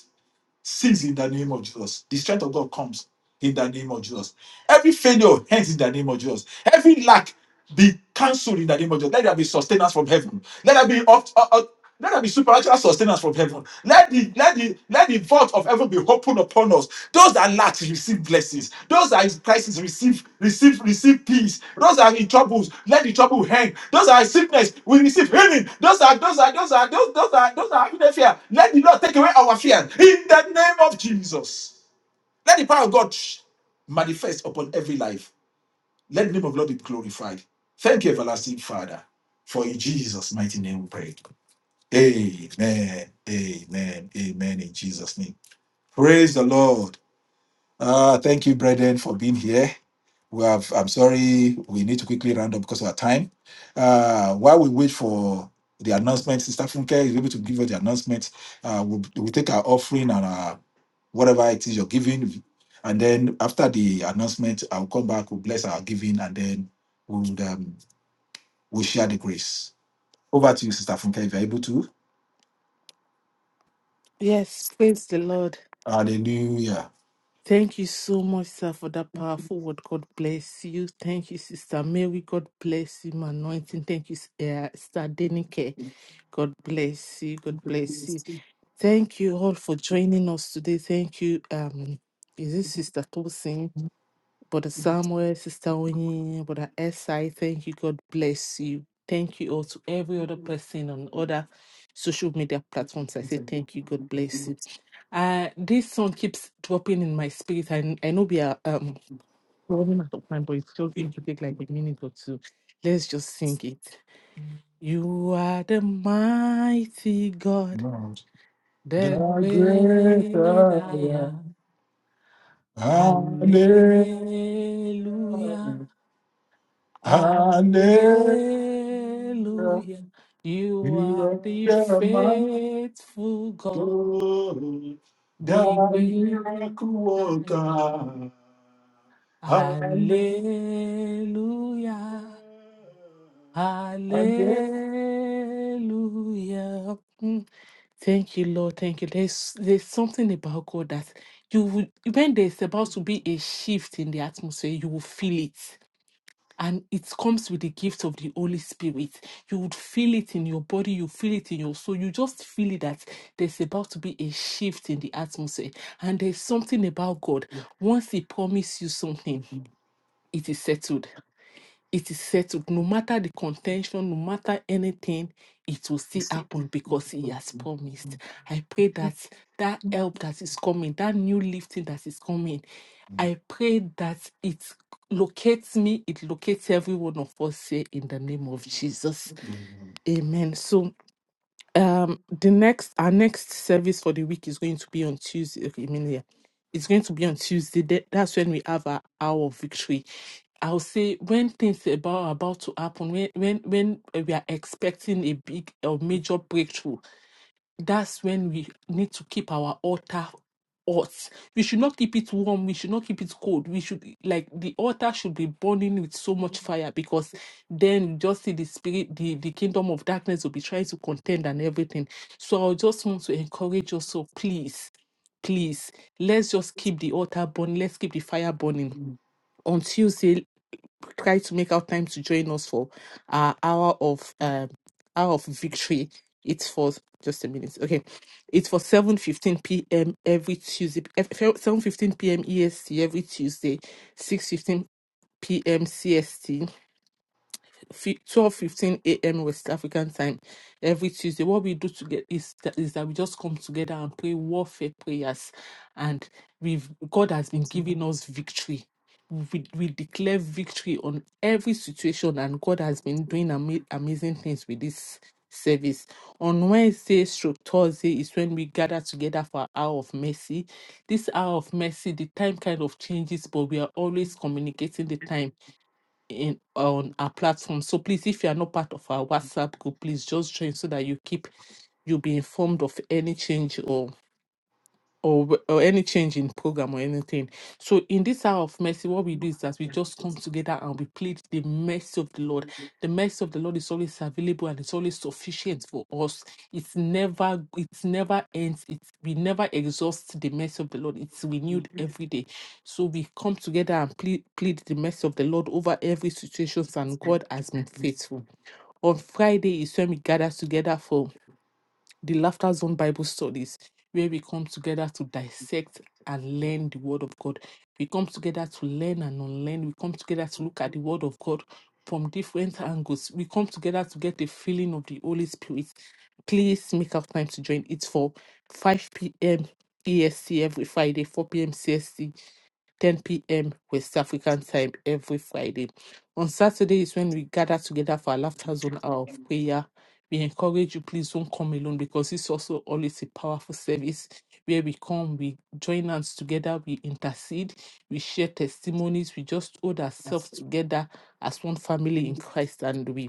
cease in the name of Jesus. The strength of God comes in the name of Jesus. Every failure ends in the name of Jesus. Every lack be cancelled in the name of Jesus. Let there be sustenance from heaven. Let there be up, up, up- let there be supernatural sustenance from heaven. Let the let the let the vault of heaven be opened open upon us. Those that lack receive blessings. Those that in crisis receive receive receive peace. Those that are in troubles let the trouble hang. Those that are in sickness we receive healing. Those are those are those are those those are those are in the fear. Let the Lord take away our fear in the name of Jesus. Let the power of God manifest upon every life. Let the name of the Lord be glorified. Thank you, everlasting Father, for in Jesus' mighty name we pray. Amen. Amen. Amen. In Jesus' name. Praise the Lord. Uh, thank you, brethren, for being here. We have, I'm sorry, we need to quickly round up because of our time. Uh, while we wait for the announcement, Sister Funke is able to give us the announcement. Uh, we'll, we'll take our offering and our, whatever it is you're giving. And then after the announcement, I'll come back, we'll bless our giving, and then we'll, um, we'll share the grace. Over to you, Sister Funke, if you're able to.
Yes, praise the Lord.
Hallelujah.
Thank you so much, sir, for that powerful word. God bless you. Thank you, Sister Mary. God bless you, my anointing. Thank you, S- uh, Sister Denike. God bless you. God bless you. Thank you all for joining us today. Thank you. Um, is it Sister Tosin? Brother Samuel, Sister Onyin, Brother SI, thank you. God bless you. Thank you all to every other person on other social media platforms. I say thank you. God bless you. Uh, this song keeps dropping in my spirit. I, I know we are um running out of time, but it's just going to take like a minute or two. Let's just sing it. You are the mighty God,
Lord,
the
the great
great I
I am.
am.
Hallelujah.
Hallelujah.
Hallelujah.
Hallelujah. You
You
are
are
the
the man
faithful God,
God,
the
the
great
miracle
I am.
worker. Hallelujah.
Hallelujah.
Hallelujah.
Hallelujah. Mm. Thank you, Lord. Thank you. There's there's something about God that you will when there's about to be a shift in the atmosphere, you will feel it and it comes with the gift of the Holy Spirit. You would feel it in your body, you feel it in your soul. You just feel it that there's about to be a shift in the atmosphere. And there's something about God. Once He promises you something, it is settled it is settled. No matter the contention, no matter anything, it will still happen because He has promised. I pray that that help that is coming, that new lifting that is coming, I pray that it locates me, it locates every one of us here in the name of Jesus. Amen. So um the next our next service for the week is going to be on tuesday okay, I mean, yeah, it's going to be on tuesday That- that's when we have our hour of victory i'll say when things about are about to happen when when when we are expecting a big or major breakthrough that's when we need to keep our altar hot. We should not keep it warm. We should not keep it cold. We should like the altar should be burning with so much fire because then you just see the spirit, the, the kingdom of darkness will be trying to contend and everything. So I just want to encourage us. So please, please, let's just keep the altar burning. Let's keep the fire burning. On Tuesday, try to make out time to join us for our hour of um hour of victory. It's for just a minute. Okay, it's for seven fifteen p.m. every Tuesday, seven fifteen p.m. EST every Tuesday, six fifteen p.m. CST twelve fifteen a.m. West African time every Tuesday. What we do to get is that, is that we just come together and pray warfare prayers, and we've God has been giving us victory. We, we declare victory on every situation, and God has been doing ama- amazing things with this service. On Wednesday, stroke Thursday is when we gather together for hour of mercy. This hour of mercy, the time kind of changes, but we are always communicating the time in on our platform. So please, if you are not part of our WhatsApp group, please just join so that you keep you'll be informed of any change or or w- or any change in program or anything. So in this hour of mercy, what we do is that we just come together and we plead the mercy of the Lord. The mercy of the Lord is always available and it's always sufficient for us. It's never it's never ends. It's we never exhaust the mercy of the Lord. It's renewed every day. So we come together and plead plead the mercy of the Lord over every situation, and God has been faithful. On Friday is when we gather together for the Laughter Zone Bible studies, where we come together to dissect and learn the Word of God. We come together to learn and unlearn. We come together to look at the Word of God from different angles. We come together to get the feeling of the Holy Spirit. Please make out time to join. It's for 5 p.m. EST every Friday, 4 p.m. CST 10 p.m. West African time every Friday. On Saturday is when we gather together for our laughter zone hour of prayer. We encourage you, please don't come alone because it's also always a powerful service where we come, we join hands together, we intercede, we share testimonies, we just hold
That's
ourselves
it.
together as one family in Christ and we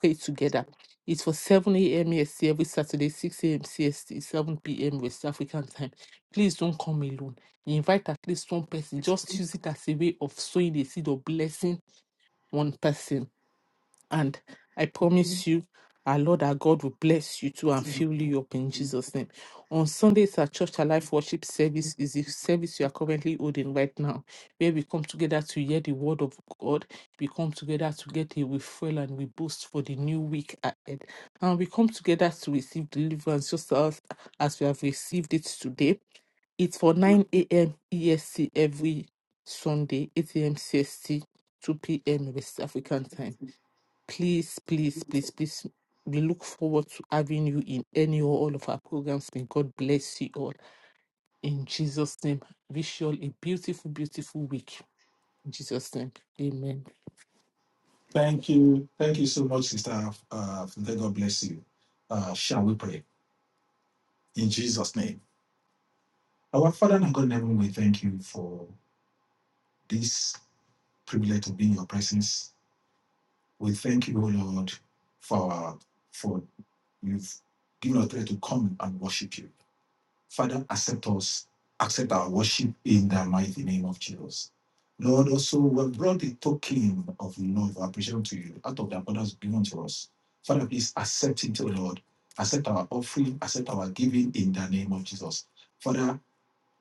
pray together. It's for 7 a.m. EST every Saturday, 6 a.m. CST, 7 p.m. West African time. Please don't come alone. Invite at least one person. Just use it as a way of sowing the seed of blessing one person. And I promise you, our Lord, our God will bless you too and fill you up in Jesus' name. On Sundays, our Church Alive Worship Service is the service you are currently holding right now, where we come together to hear the word of God. We come together to get a refill and we boast for the new week ahead. And we come together to receive deliverance just as, as we have received it today. It's for 9 a.m. EST every Sunday, 8 a.m. CST, 2 p.m. West African time. Please, please, please, please. We look forward to having you in any or all of our programs. May God bless you all. In Jesus' name, wish you all a beautiful, beautiful week. In Jesus' name, amen.
Thank you. Thank you so much, Sister. Uh, Funke. God bless you. Uh, shall we pray? In Jesus' name. Our Father and God in heaven, we thank you for this. privilege to be in your presence. We thank you, O Lord, for for you've given us privilege to come and worship you. Father, accept us, accept our worship in the mighty name of Jesus. Lord, also we have brought the token of love, appreciation to you, out of the abundance given to us. Father, please accept it, O Lord. Accept our offering, accept our giving in the name of Jesus. Father,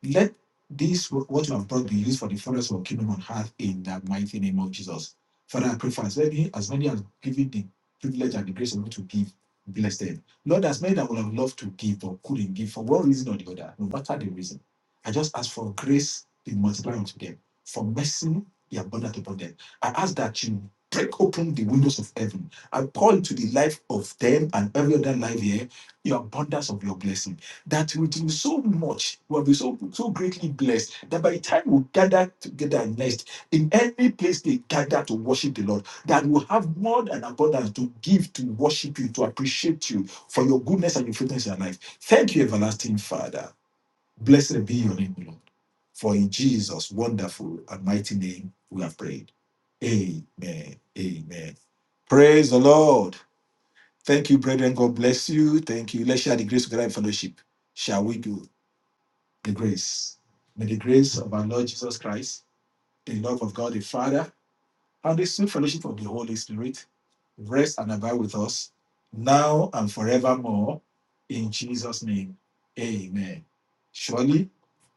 let this what you have brought be used for the furtherance of your kingdom on earth in the mighty name of Jesus. Father, I pray for as many as many as given the privilege and the grace of God to give, bless them. Lord, as many that would have loved to give but couldn't give for one reason or the other, no matter the reason. I just ask for grace be multiplied unto them, for mercy be abundant upon them. I ask that you break open the windows of heaven and pour into the life of them and every other life here your abundance of your blessing that we do so much, we have been so, so greatly blessed that by the time we gather together and nest in any place they gather to worship the Lord, that we'll have more than abundance to give, to worship you, to appreciate you for your goodness and your faithfulness in our life. Thank you, everlasting Father. Blessed be your name, Lord. For in Jesus' wonderful and mighty name we have prayed. Amen. Amen. Praise the Lord. Thank you, brethren. God bless you. Thank you. Let's share the grace of fellowship. Shall we do the grace? May the grace of our Lord Jesus Christ, Father, and the sweet fellowship of the Holy Spirit rest and above us now and more in Jesus. name. Amen. Surely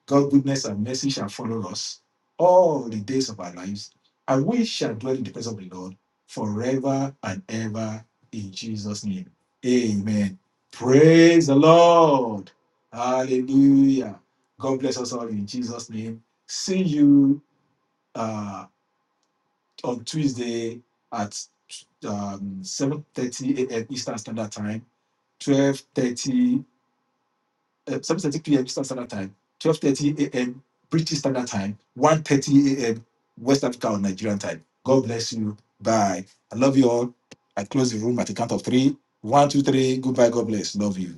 God's goodness and mercy shall follow us all the days of our lives, and we shall dwell in the presence of the Lord forever and ever in Jesus' name. Amen. Praise the Lord. Hallelujah. God bless us all in Jesus' name. See you uh, on Tuesday at um, 7.30 a.m. Eastern Standard Time, 12.30, uh, 7.30 p.m. Eastern Standard Time, 12.30 a.m. British Standard Time, one thirty a.m. West Africa or Nigerian time. God bless you. Bye. I love you all. I close the room at the count of three. One, two, three. Goodbye. God bless. Love you.